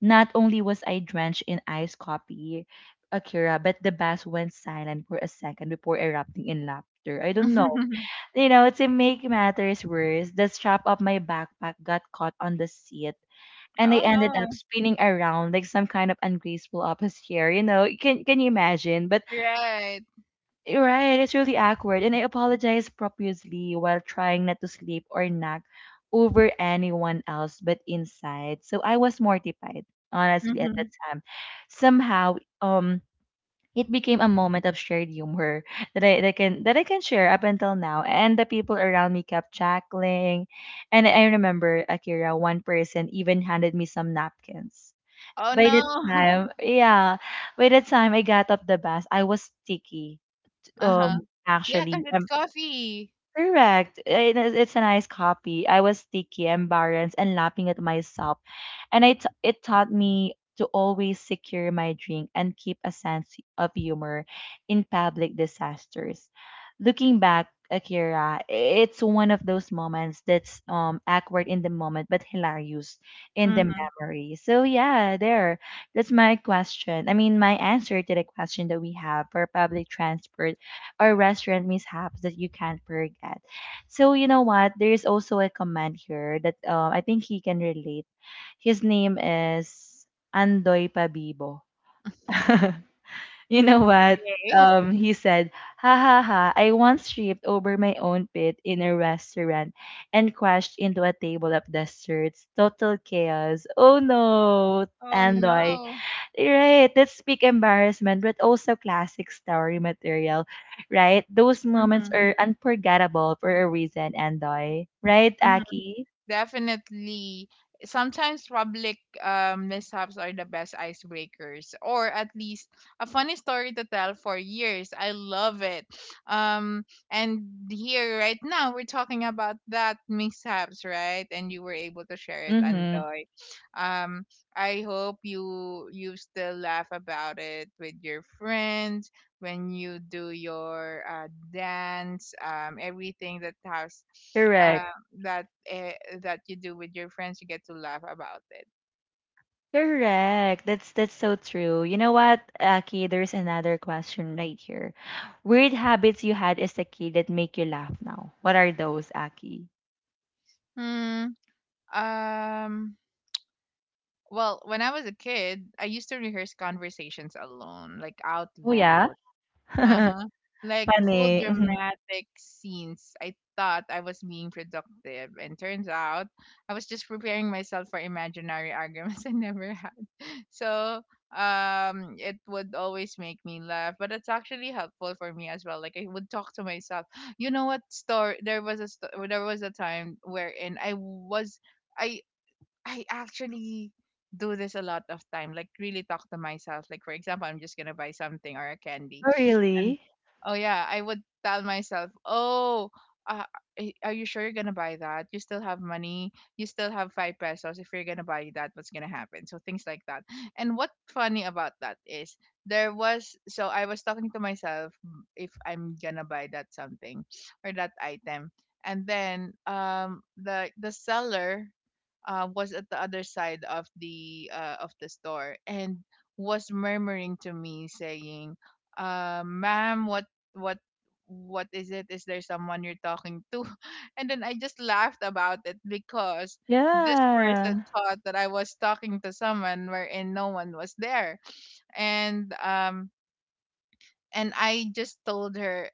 [SPEAKER 1] not only was I drenched in iced coffee, Akira, but the bus went silent for a second before erupting in laughter. I don't know. You know, to make matters worse, the strap of my backpack got caught on the seat and I
[SPEAKER 2] Oh
[SPEAKER 1] ended up
[SPEAKER 2] no.
[SPEAKER 1] spinning around like some kind of ungraceful office chair. You know, can can you imagine? But
[SPEAKER 2] Right.
[SPEAKER 1] right, it's really awkward, and I apologize profusely while trying not to sleep or nag over anyone else but inside. So I was mortified, honestly, at that
[SPEAKER 2] Mhm.
[SPEAKER 1] time. Somehow, um, it became a moment of shared humor that I, that can that I can share up until now, and the people around me kept chuckling. And I remember Akira, one person even handed me some napkins.
[SPEAKER 2] Oh
[SPEAKER 1] By the
[SPEAKER 2] no.
[SPEAKER 1] time, yeah, by the time I got up the bus, I was sticky
[SPEAKER 2] Uh-huh.
[SPEAKER 1] um,
[SPEAKER 2] Yeah, cuz
[SPEAKER 1] actually,
[SPEAKER 2] it's
[SPEAKER 1] um,
[SPEAKER 2] coffee.
[SPEAKER 1] correct. It is, it's a nice copy. I was sticky, embarrassed, and laughing at myself and it it taught me to always secure my drink and keep a sense of humor in public disasters. Looking back, Akira, it's one of those moments that's um awkward in the moment but hilarious in the
[SPEAKER 2] Mhm.
[SPEAKER 1] memory. So yeah, there. That's my question. I mean, my answer to the question that we have for public transport or restaurant mishaps that you can't forget. So you know what? There is also a comment here that um I think he can relate his name is Andoy Pabibo. you know what?
[SPEAKER 2] Okay.
[SPEAKER 1] Um, he said, ha ha ha, I once tripped over my own pit in a restaurant and crashed into a table of desserts. Total chaos. Oh no,
[SPEAKER 2] Oh
[SPEAKER 1] Andoy.
[SPEAKER 2] no.
[SPEAKER 1] Right, that's peak embarrassment, but also classic story material, right? Those moments
[SPEAKER 2] Mhm.
[SPEAKER 1] are unforgettable for a reason, Andoy. Right,
[SPEAKER 2] Mhm.
[SPEAKER 1] Aki?
[SPEAKER 2] Definitely. Sometimes public, um, mishaps are the best icebreakers, or at least a funny story to tell for years. I love it. Um, and here right now we're talking about that mishaps, right? And you were able to share it,
[SPEAKER 1] Mm-hmm.
[SPEAKER 2] Andoy. Um, I hope you you still laugh about it with your friends when you do your, uh, dance. Um, everything that has uh,
[SPEAKER 1] Correct.
[SPEAKER 2] that uh, that you do with your friends, you get to laugh about it.
[SPEAKER 1] Correct. That's that's so true. You know what, Aki? There's another question right here. Weird habits you had as a kid that make you laugh now. What are those, Aki?
[SPEAKER 2] Mm. um well, when I was a kid, I used to rehearse conversations alone, like, out
[SPEAKER 1] Oh yeah,
[SPEAKER 2] loud. Uh-huh. Like full
[SPEAKER 1] funny. Mhm.
[SPEAKER 2] dramatic scenes. I thought I was being productive, and turns out I was just preparing myself for imaginary arguments I never had. So um it would always make me laugh, but it's actually helpful for me as well. Like, I would talk to myself. You know what story, there was a sto- there was a time wherein i was I I actually do this a lot of time, like, really talk to myself. Like, for example, I'm just gonna buy something or a candy,
[SPEAKER 1] Oh
[SPEAKER 2] and
[SPEAKER 1] really?
[SPEAKER 2] oh yeah, I would tell myself, "Oh, uh, eh, are you sure you're gonna buy that? You still have money. You still have five pesos. If you're gonna buy that, what's gonna happen?" So things like that. And what funny about that is there was so I was talking to myself, "Mm, if I'm gonna buy that something or that item, and then um the the seller uh, was at the other side of the uh, of the store and was murmuring to me saying, uh, ma'am, what, what, what is it? Is there someone you're talking to?" And then I just laughed about it because this
[SPEAKER 1] Yeah.
[SPEAKER 2] person thought that I was talking to someone wherein no one was there. And, um, and I just told her,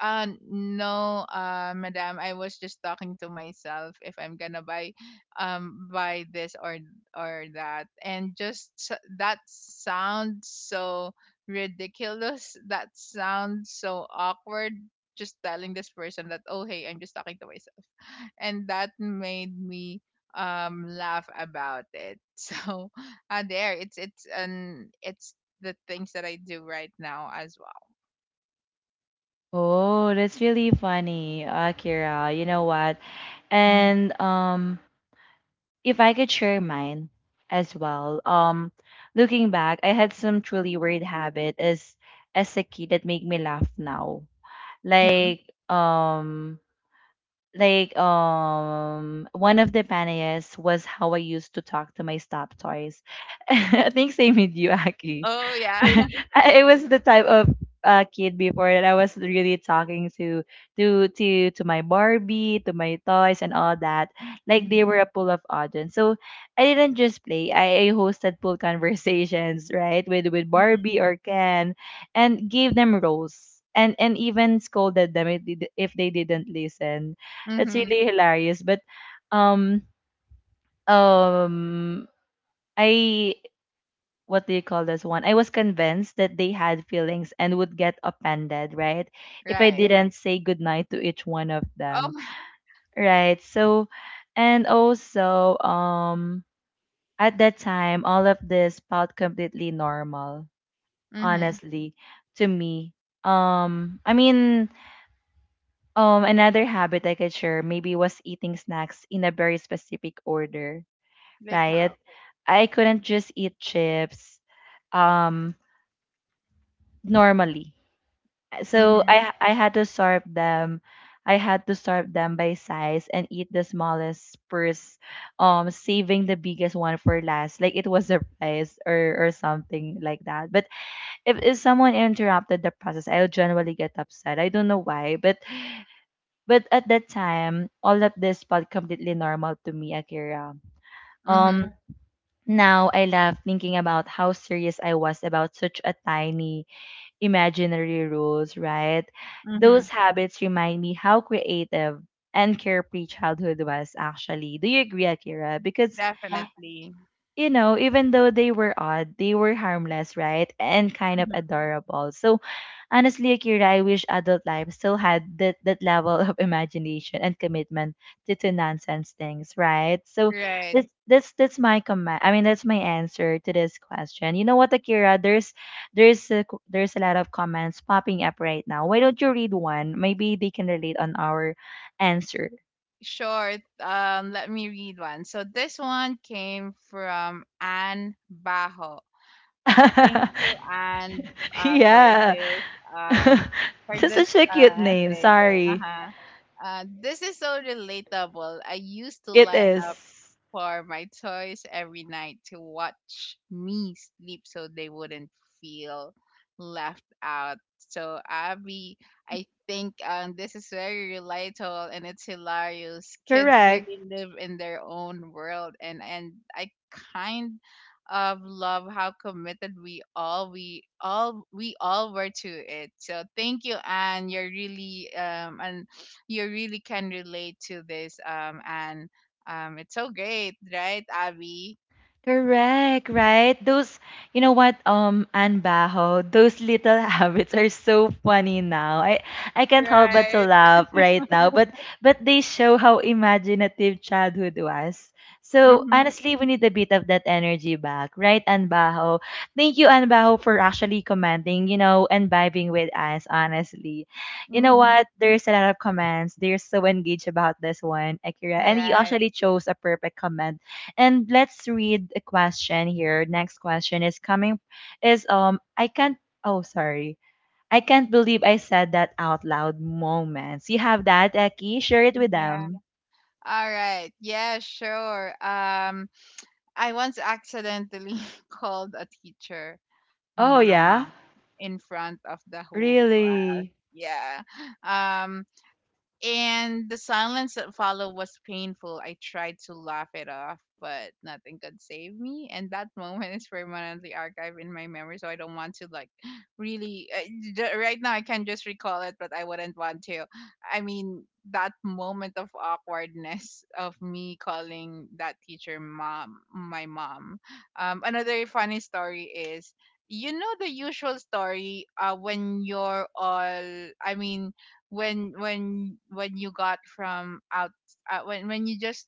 [SPEAKER 2] uh, "No, uh, madam, I was just talking to myself if I'm gonna buy, um, buy this or or that," and just s- that sounds so ridiculous. That sounds so awkward. Just telling this person that, "Oh hey, I'm just talking to myself," and that made me um laugh about it. So, uh, there, it's it's an it's the things that I do right now as well.
[SPEAKER 1] Oh, that's really funny, Akira. You know what?
[SPEAKER 2] Mm-hmm.
[SPEAKER 1] And um, if I could share mine as well. Um, looking back, I had some truly weird habit as as a kid that make me laugh now.
[SPEAKER 2] Mm-hmm.
[SPEAKER 1] Like um like um one of the panayas was how I used to talk to my stop toys. I think same with you,
[SPEAKER 2] Oh,
[SPEAKER 1] Aki.
[SPEAKER 2] oh yeah.
[SPEAKER 1] I was the type of uh, kid before that I was really talking to to to to my Barbie, to my toys, and all that. Like they
[SPEAKER 2] Mhm.
[SPEAKER 1] were a pool of audience. So I didn't just play. I, I hosted pool conversations, right, with with Barbie
[SPEAKER 2] Mhm.
[SPEAKER 1] or Ken, and gave them roles. And, and even scolded them if they di- if they didn't listen. That's
[SPEAKER 2] Mhm.
[SPEAKER 1] really hilarious. But um um I what do you call this one? I was convinced that they had feelings and would get offended, right? If I Yes.
[SPEAKER 2] Right.
[SPEAKER 1] didn't say goodnight to each one of them,
[SPEAKER 2] Oh my.
[SPEAKER 1] right? So, and also, um, at that time, all of this felt completely normal,
[SPEAKER 2] Mhm.
[SPEAKER 1] honestly, to me. Um, I mean, um, another habit I could share maybe was eating snacks in a very specific order,
[SPEAKER 2] Like
[SPEAKER 1] right?
[SPEAKER 2] how?
[SPEAKER 1] I couldn't just eat chips, um, normally so
[SPEAKER 2] Mhm.
[SPEAKER 1] I I had to sort them. I had to sort them by size and eat the smallest first, um, saving the biggest one for last. Like it was a prize or or something like that. But if, if someone interrupted the process, I'll generally get upset. I don't know why, but but at that time, all of this felt completely normal to me, Akira. Um,
[SPEAKER 2] Mhm.
[SPEAKER 1] Now I laugh thinking about how serious I was about such a tiny imaginary rules, right?
[SPEAKER 2] Mhm.
[SPEAKER 1] Those habits remind me how creative and carefree childhood was actually. Do you agree, Akira? Because
[SPEAKER 2] Definitely.
[SPEAKER 1] you know, even though they were odd, they were harmless, right? And kind of
[SPEAKER 2] Mhm.
[SPEAKER 1] adorable. So honestly, Akira, I wish adult life still had that, that level of imagination and commitment to, to nonsense things, right? So
[SPEAKER 2] Right.
[SPEAKER 1] that's that's that's my comment. I mean, that's my answer to this question. You know what, Akira? There's there's a, co- there's a lot of comments popping up right now. Why don't you read one? Maybe they can relate on our answer.
[SPEAKER 2] Sure. Um, let me read one. So this one came from Anne Bajo. Thank you, Anne, uh, for
[SPEAKER 1] Yeah.
[SPEAKER 2] this um for
[SPEAKER 1] That's
[SPEAKER 2] this
[SPEAKER 1] such a
[SPEAKER 2] uh,
[SPEAKER 1] cute name.
[SPEAKER 2] message.
[SPEAKER 1] Sorry.
[SPEAKER 2] Uh-huh. Uh, this is so relatable. "I used to
[SPEAKER 1] It
[SPEAKER 2] line up
[SPEAKER 1] is.
[SPEAKER 2] for my toys every night to watch me sleep so they wouldn't feel left out." So Abby, I think um, this is very relatable and it's hilarious. Kids
[SPEAKER 1] Correct.
[SPEAKER 2] really live in their own world, and and I kind of love how committed we all we all we all were to it. So thank you, Anne. You're really um and you really can relate to this um and um, it's so great, right, Abby?
[SPEAKER 1] Correct, right? Those, you know what, um, Anne Baho, those little habits are so funny now. I, I can't help but to
[SPEAKER 2] Right.
[SPEAKER 1] laugh right now, but but they show how imaginative childhood was. So
[SPEAKER 2] Mm-hmm.
[SPEAKER 1] honestly, we need a bit of that energy back, right, Anne Baho? Thank you, Anne Baho, for actually commenting, you know, and vibing with us. Honestly, you know
[SPEAKER 2] Mm-hmm.
[SPEAKER 1] what? There's a lot of comments. They're so engaged about this one, Akira, and you
[SPEAKER 2] Right.
[SPEAKER 1] actually chose a perfect comment and let's read a question here. Next question is coming is um I can't oh sorry. I can't believe I said that out loud moments. You have that, Eki? Share it with
[SPEAKER 2] Yeah.
[SPEAKER 1] them.
[SPEAKER 2] All right. Yeah, sure. Um, I once accidentally called a teacher
[SPEAKER 1] Oh yeah?
[SPEAKER 2] mama in front of the whole class.
[SPEAKER 1] Really?
[SPEAKER 2] Yeah. Um, and the silence that followed was painful. I tried to laugh it off, but nothing could save me. And that moment is permanently archived in my memory, so I don't want to like really uh, j- right now. I can just recall it, but I wouldn't want to. I mean, that moment of awkwardness of me calling that teacher mom, my mom. Um, another funny story is. You know the usual story uh, when you're all, I mean, when when when you got from out uh, when when you just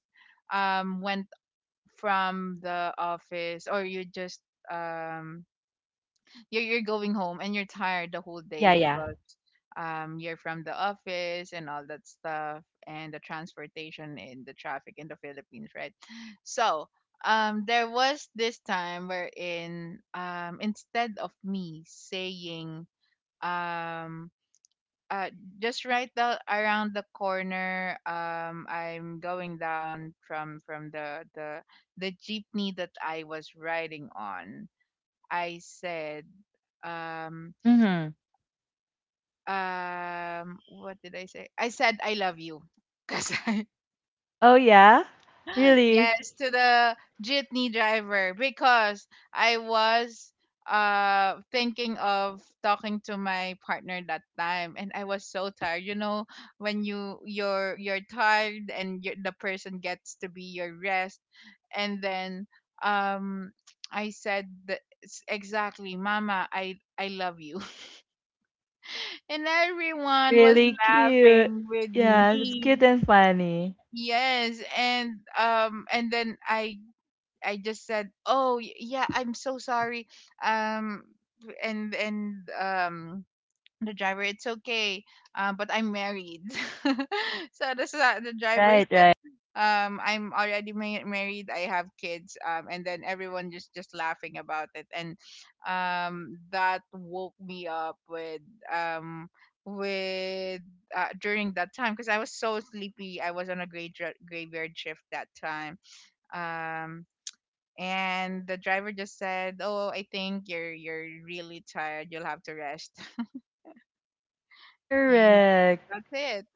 [SPEAKER 2] um went from the office or you just um you're, you're going home and you're tired the whole day
[SPEAKER 1] Yeah, yeah.
[SPEAKER 2] because um you're from the office and all that stuff and the transportation and the traffic in the Philippines, right? So um, there was this time wherein um, instead of me saying um uh just right the, around the corner, um, I'm going down from from the the the jeepney that I was riding on, I said um
[SPEAKER 1] Mm-hmm.
[SPEAKER 2] um what did I say I said, "I love you," because I,
[SPEAKER 1] Oh yeah? Really?
[SPEAKER 2] yes, to the jeepney driver because I was uh thinking of talking to my partner that time and I was so tired. You know, when you you're you're tired and you the person gets to be your rest, and then um, I said the, s- exactly, "Mama, I I love you." And everyone was
[SPEAKER 1] Really cute.
[SPEAKER 2] laughing with
[SPEAKER 1] Yeah, it's
[SPEAKER 2] me.
[SPEAKER 1] cute and funny.
[SPEAKER 2] Yes, and um, and then I I just said, "Oh, y- yeah, I'm so sorry." Um, and and um the driver, "It's okay. Uh, but I'm married." So the sa- the driver
[SPEAKER 1] Right,
[SPEAKER 2] said,
[SPEAKER 1] right.
[SPEAKER 2] um, "I'm already ma- married. I have kids," um, and then everyone just just laughing about it, and um, that woke me up with um, with uh, during that time because I was so sleepy. I was on a gray graveyard shift that time, um, and the driver just said, "Oh, I think you're you're really tired. You'll have to rest." And
[SPEAKER 1] Correct.
[SPEAKER 2] that's it.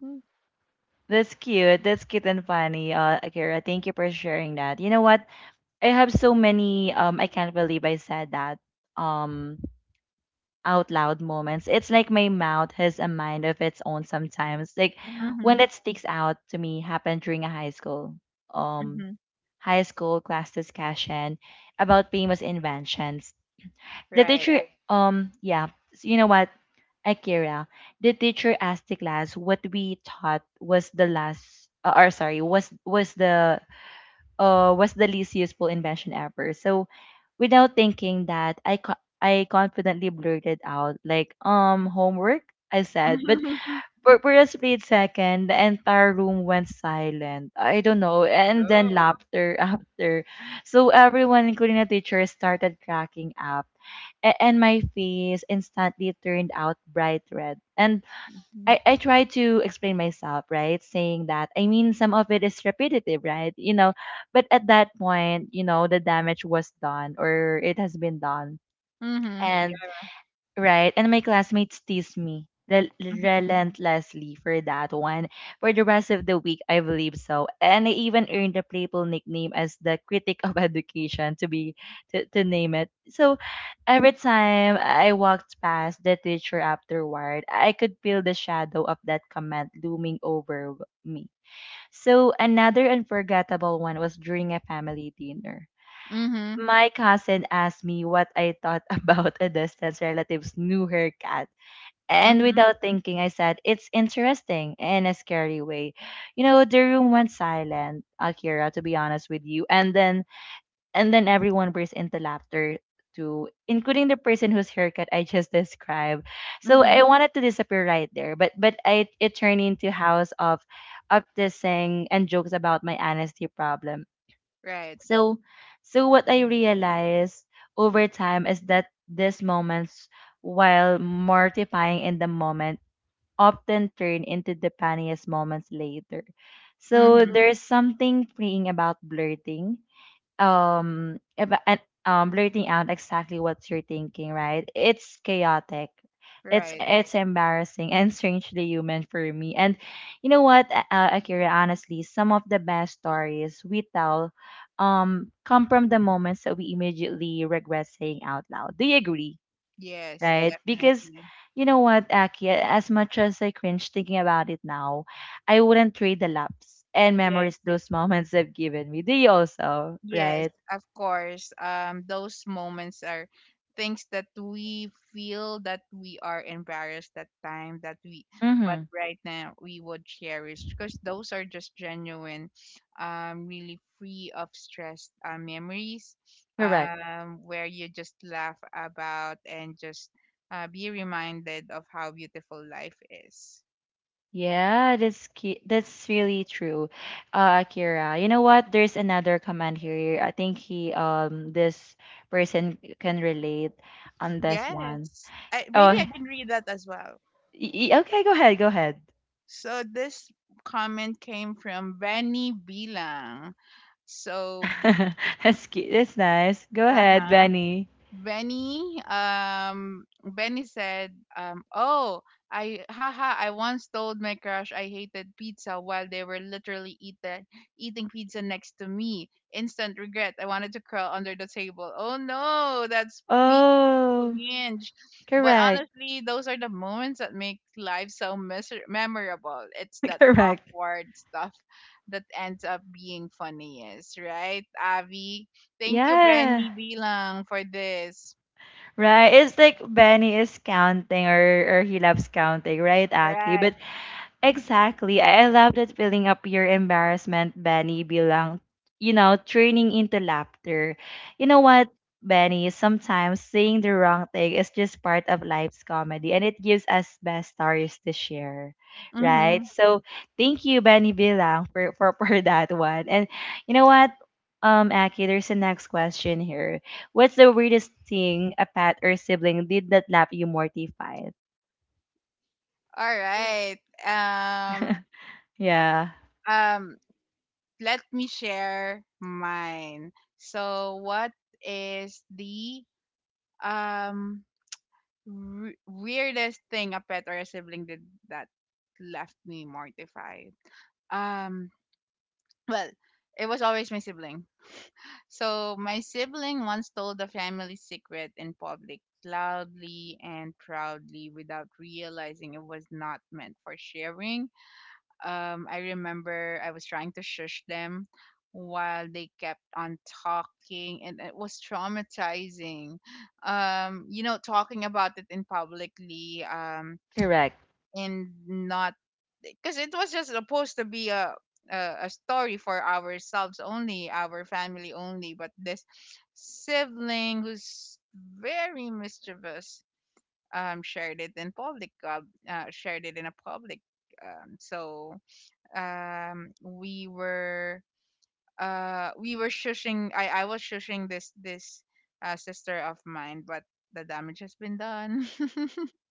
[SPEAKER 1] That's cute. That's cute and funny, uh, Akira. Thank you for sharing that. You know what? I have so many um I can't believe I said that um out loud moments. It's like my mouth has a mind of its own sometimes. Like when
[SPEAKER 2] Mm-hmm.
[SPEAKER 1] that sticks out to me happened during a high school um
[SPEAKER 2] Mm-hmm.
[SPEAKER 1] high school class discussion about famous inventions. The
[SPEAKER 2] Right.
[SPEAKER 1] teacher um yeah, you know what? Akira, the teacher asked the class what we thought was the last uh, or sorry, was was the uh, was the least useful invention ever. So without thinking that, I co- I confidently blurted out like um homework. I said, but for, for a split second, the entire room went silent. I don't know,
[SPEAKER 2] Oh,
[SPEAKER 1] and then
[SPEAKER 2] no.
[SPEAKER 1] laughter after. So everyone, including the teacher, started cracking up, A- and my face instantly turned out bright red. And I, I try to explain myself, right? Saying that, I mean, some of it is repetitive, right? You know, but at that point, you know, the damage was done or it has been done.
[SPEAKER 2] Mm-hmm.
[SPEAKER 1] And
[SPEAKER 2] Yeah.
[SPEAKER 1] Right. And my classmates teased me rel-
[SPEAKER 2] Mm-hmm.
[SPEAKER 1] relentlessly for that one. For the rest of the week, I believe so. And I even earned a playful nickname as the critic of education to be to, to name it. So every time I walked past the teacher afterward, I could feel the shadow of that comment looming over me. So another unforgettable one was during a family dinner
[SPEAKER 2] Mm-hmm.
[SPEAKER 1] my cousin asked me what I thought about a distant relative's new haircut. And
[SPEAKER 2] Mm-hmm.
[SPEAKER 1] without thinking, I said, it's interesting in a scary way. You know, the room went silent, Akira, to be honest with you. And then and then everyone burst into laughter too, including the person whose haircut I just described. So I
[SPEAKER 2] Mm-hmm.
[SPEAKER 1] wanted to disappear right there, but but I it turned into house of up and jokes about my honesty problem.
[SPEAKER 2] Right.
[SPEAKER 1] So, so what I realized over time is that these moments, while mortifying in the moment, often turn into the funniest moments later. So
[SPEAKER 2] Mm-hmm.
[SPEAKER 1] Mm. there's something freeing about blurting um about and um blurting out exactly what you're thinking, right? It's chaotic. It's
[SPEAKER 2] Right.
[SPEAKER 1] it's embarrassing and strangely human for me. And you know what, uh, Akira, honestly, some of the best stories we tell um come from the moments that we immediately regret saying out loud. Do you agree?
[SPEAKER 2] Yes,
[SPEAKER 1] Right? Because
[SPEAKER 2] definitely.
[SPEAKER 1] you know what, Aki, as much as I cringe thinking about it now, I wouldn't trade the laps and
[SPEAKER 2] Yes.
[SPEAKER 1] memories those moments have given me. Do you also,
[SPEAKER 2] Yes,
[SPEAKER 1] right?
[SPEAKER 2] of course. Um, those moments are things that we feel that we are embarrassed that time that we but
[SPEAKER 1] Mm-hmm.
[SPEAKER 2] right now we would cherish because those are just genuine um, really free of stress uh, memories
[SPEAKER 1] Correct.
[SPEAKER 2] um, where you just laugh about and just uh, be reminded of how beautiful life is.
[SPEAKER 1] Yeah, that's cu- that's really true, uh, Akira. You know what? There's another comment here. I think he um this person can relate on this one.
[SPEAKER 2] Yes, I, maybe
[SPEAKER 1] Oh,
[SPEAKER 2] I
[SPEAKER 1] y-
[SPEAKER 2] can read that as well.
[SPEAKER 1] y- okay. Go ahead. Go ahead.
[SPEAKER 2] So this comment came from Benny Bilang. So,
[SPEAKER 1] That's cute. That's nice. Go
[SPEAKER 2] uh
[SPEAKER 1] ahead,
[SPEAKER 2] huh.
[SPEAKER 1] Benny.
[SPEAKER 2] Benny, um, Benny said, um, "Oh, I, haha, I once told my crush I hated pizza while they were literally eat the, eating pizza next to me. Instant regret. I wanted to curl under the table." Oh no, that's peak
[SPEAKER 1] Oh,
[SPEAKER 2] cringe. But
[SPEAKER 1] correct.
[SPEAKER 2] honestly, those are the moments that make life so miser- memorable. It's that
[SPEAKER 1] Correct.
[SPEAKER 2] awkward stuff that ends up being funniest, right, Avi? Thank you,
[SPEAKER 1] Yeah.
[SPEAKER 2] Benny Bilang, for this.
[SPEAKER 1] Right. It's like Benny is counting or or he loves counting, right, Aki?
[SPEAKER 2] Right.
[SPEAKER 1] But exactly. I I love that filling up your embarrassment, Benny, bilang, you know, turning into laughter. You know what, Benny? Sometimes saying the wrong thing is just part of life's comedy and it gives us best stories to share,
[SPEAKER 2] Mm-hmm.
[SPEAKER 1] right? So thank you, Benny Bilang, for, for, for that one. And you know what, um, Aki, there's the next question here. What's the weirdest thing a pet or sibling did that laugh you mortified?
[SPEAKER 2] All right. Um,
[SPEAKER 1] Yeah,
[SPEAKER 2] um, let me share mine. So, what is the um, w- weirdest thing a pet or a sibling did that left me mortified? Um, well, it was always my sibling. So my sibling once told the family secret in public, loudly and proudly, without realizing it was not meant for sharing. Um, I remember I was trying to shush them while they kept on talking, and it was traumatizing. Um, you know, talking about it in publicly. Um,
[SPEAKER 1] correct.
[SPEAKER 2] and not because it was just supposed to be a, a a story for ourselves only, our family only, but this sibling who's very mischievous um, shared it in public uh, uh shared it in a public um, so um, we were uh we were shushing. I I was shushing this this uh sister of mine, but the damage has been done.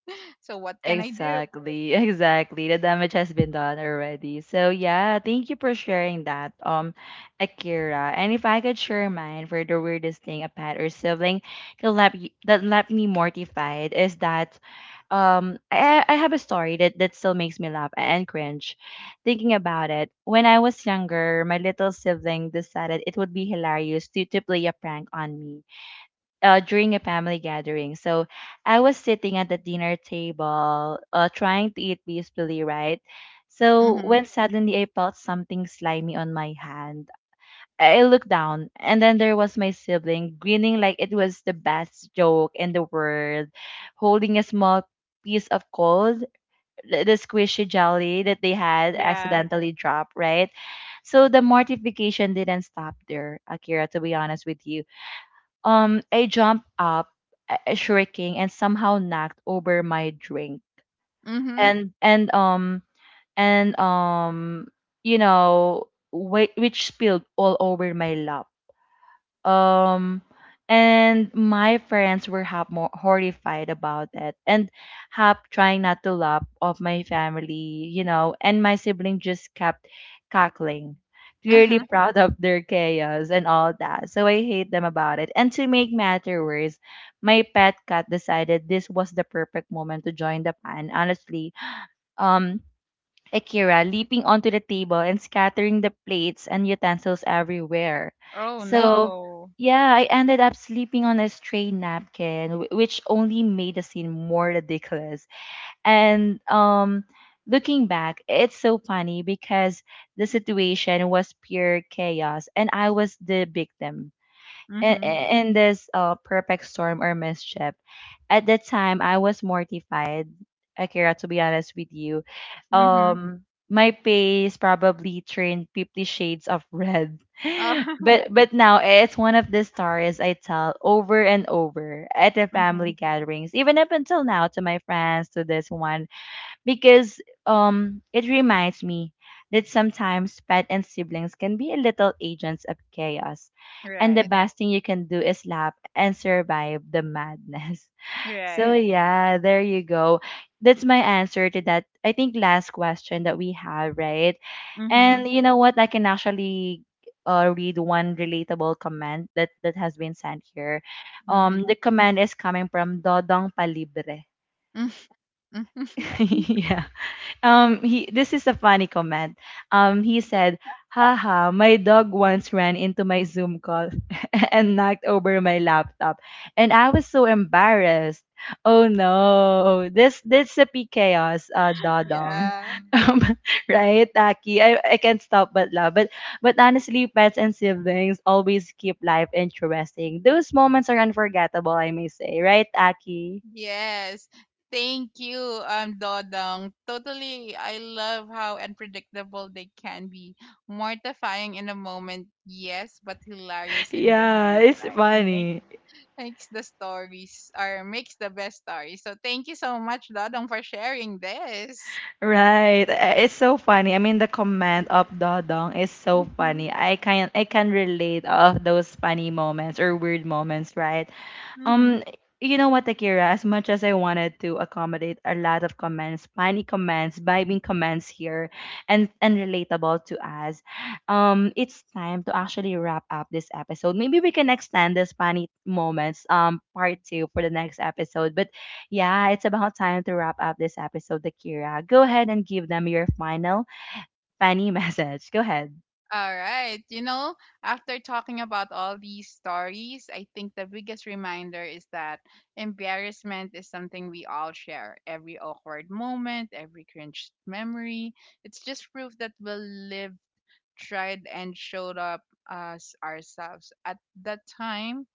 [SPEAKER 2] So what can I do?
[SPEAKER 1] Exactly, exactly. The damage has been done already. So yeah, thank you for sharing that, um, Akira. And if I could share mine for the weirdest thing a pet or sibling that left y- that left me mortified is that, um, I I I have a story that that still makes me laugh and cringe, thinking about it. When I was younger, my little sibling decided it would be hilarious to to play a prank on me uh, during a family gathering. So I was sitting at the dinner table, uh, trying to eat peacefully, right? So
[SPEAKER 2] Mhm.
[SPEAKER 1] when suddenly I felt something slimy on my hand, I looked down, and then there was my sibling grinning like it was the best joke in the world, holding a small piece of cold, the the squishy jelly that they had
[SPEAKER 2] Yeah.
[SPEAKER 1] accidentally dropped, right? So the mortification didn't stop there, Akira, to be honest with you. Um, I jumped up, uh, shrieking, and somehow knocked over my drink.
[SPEAKER 2] Mhm.
[SPEAKER 1] And and um and um, you know, wh- which spilled all over my lap um and my friends were half more horrified about it and half trying not to laugh of my family you know and my sibling just kept cackling clearly
[SPEAKER 2] Uh-huh.
[SPEAKER 1] proud of their chaos and all that so I hate them about it and to make matter worse my pet cat decided this was the perfect moment to join the pan honestly um Akira leaping onto the table and scattering the plates and utensils everywhere.
[SPEAKER 2] Oh
[SPEAKER 1] So,
[SPEAKER 2] no.
[SPEAKER 1] yeah, I ended up sleeping on a stray napkin, wh- which only made the scene more ridiculous. And um, looking back, it's so funny because the situation was pure chaos and I was the victim in,
[SPEAKER 2] Mhm.
[SPEAKER 1] in this uh, perfect storm or mischief. At that time, I was mortified, Akira, to be honest with you.
[SPEAKER 2] Mhm.
[SPEAKER 1] Um, my face probably turned fifty shades of red.
[SPEAKER 2] Oh.
[SPEAKER 1] But but now it's one of the stories I tell over and over at the family
[SPEAKER 2] Mhm.
[SPEAKER 1] gatherings, even up until now to my friends, to this one because um it reminds me that sometimes pet and siblings can be a little agents of chaos and the
[SPEAKER 2] Right.
[SPEAKER 1] best thing you can do is laugh and survive the madness. So
[SPEAKER 2] Right.
[SPEAKER 1] yeah there you go, that's my answer to that I think last question that we have right.
[SPEAKER 2] Mhm.
[SPEAKER 1] And you know what I can actually uh, read one relatable comment that that has been sent here um
[SPEAKER 2] Mhm.
[SPEAKER 1] the comment is coming from Dodong Palibre.
[SPEAKER 2] Mhm.
[SPEAKER 1] Yeah, um, he this is a funny comment. Um, he said, "Haha, my dog once ran into my Zoom call and knocked over my laptop, and I was so embarrassed. Oh no, this this a P chaos, uh, Dodong,
[SPEAKER 2] Yeah.
[SPEAKER 1] um, right, Aki? I, I can't stop but laugh. But but honestly, pets and siblings always keep life interesting. Those moments are unforgettable, I may say, right, Aki?
[SPEAKER 2] Yes. Thank you, um, Dodong. Totally, I love how unpredictable they can be. Mortifying in a moment, yes, but hilarious in the
[SPEAKER 1] Yeah, it's
[SPEAKER 2] hindsight. Make,
[SPEAKER 1] funny.
[SPEAKER 2] makes the stories, or makes the best stories. So thank you so much, Dodong, for sharing this.
[SPEAKER 1] Right. Uh, it's so funny. I mean, the comment of Dodong is so funny. I can I can relate all of those funny moments or weird moments, right?
[SPEAKER 2] Mm-hmm.
[SPEAKER 1] Um, you know what, Akira? As much as I wanted to accommodate a lot of comments, funny comments, vibing comments here, and and relatable to us, um, it's time to actually wrap up this episode. Maybe we can extend this funny moments, um, part two for the next episode. But yeah, it's about time to wrap up this episode, Akira. Go ahead and give them your final funny message. Go ahead.
[SPEAKER 2] All right. You know, after talking about all these stories, I think the biggest reminder is that embarrassment is something we all share. Every awkward moment, every cringe memory, it's just proof that we lived, tried, and showed up as ourselves. At that time,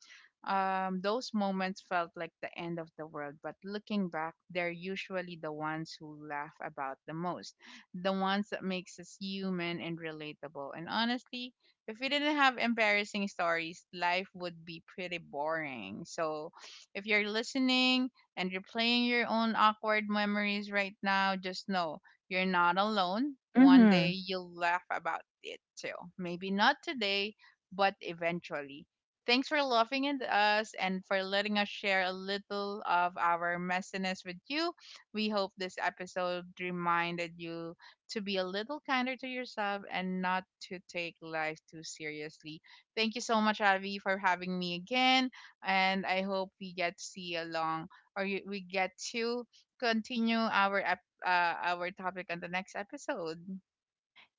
[SPEAKER 2] um, those moments felt like the end of the world, but looking back, they're usually the ones who laugh about the most, the ones that makes us human and relatable. And honestly, if we didn't have embarrassing stories, life would be pretty boring. So, if you're listening and replaying your own awkward memories right now, just know you're not alone. One day
[SPEAKER 1] Mm-hmm.
[SPEAKER 2] you'll laugh about it too. Maybe not today, but eventually. Thanks for laughing at us and for letting us share a little of our messiness with you. We hope this episode reminded you to be a little kinder to yourself and not to take life too seriously. Thank you so much, Avi, for having me again. And I hope we get to see along or you, we get to continue our ep- uh, our topic on the next episode.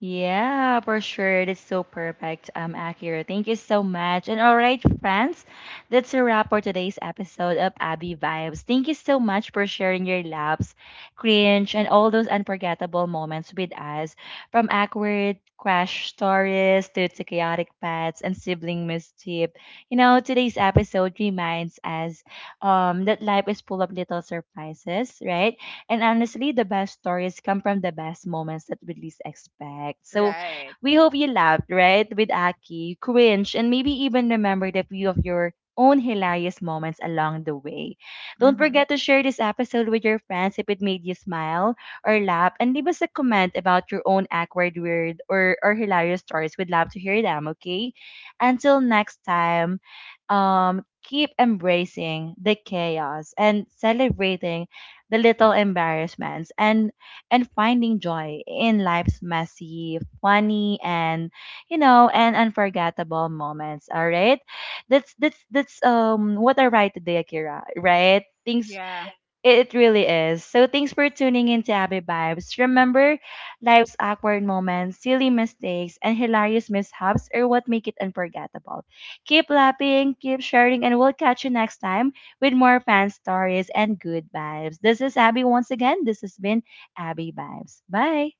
[SPEAKER 1] Yeah, for sure. That's so perfect, um, Akira. Thank you so much. And all right, friends, that's a wrap for today's episode of Abby Vibes. Thank you so much for sharing your laughs, cringe, and all those unforgettable moments with us, from awkward crash stories to, to chaotic pets and sibling mischief. You know, today's episode reminds us um that life is full of little surprises, right? And honestly, the best stories come from the best moments that we least expect. So
[SPEAKER 2] Right.
[SPEAKER 1] we hope you laughed, right? With Aki, cringe, and maybe even remembered a few of your own hilarious moments along the way. Don't
[SPEAKER 2] Mm-hmm.
[SPEAKER 1] forget to share this episode with your friends if it made you smile or laugh, and leave us a comment about your own awkward, weird, or, or hilarious stories. We'd love to hear them, okay? Until next time, um, keep embracing the chaos and celebrating the little embarrassments and and finding joy in life's messy, funny and you know, and unforgettable moments. All right? That's that's that's um what I write today, Akira, right? Things
[SPEAKER 2] Yeah.
[SPEAKER 1] it really is. So thanks for tuning in to Abby Vibes. Remember, life's awkward moments, silly mistakes, and hilarious mishaps are what make it unforgettable. Keep laughing, keep sharing, and we'll catch you next time with more fan stories and good vibes. This is Abby once again. This has been Abby Vibes. Bye.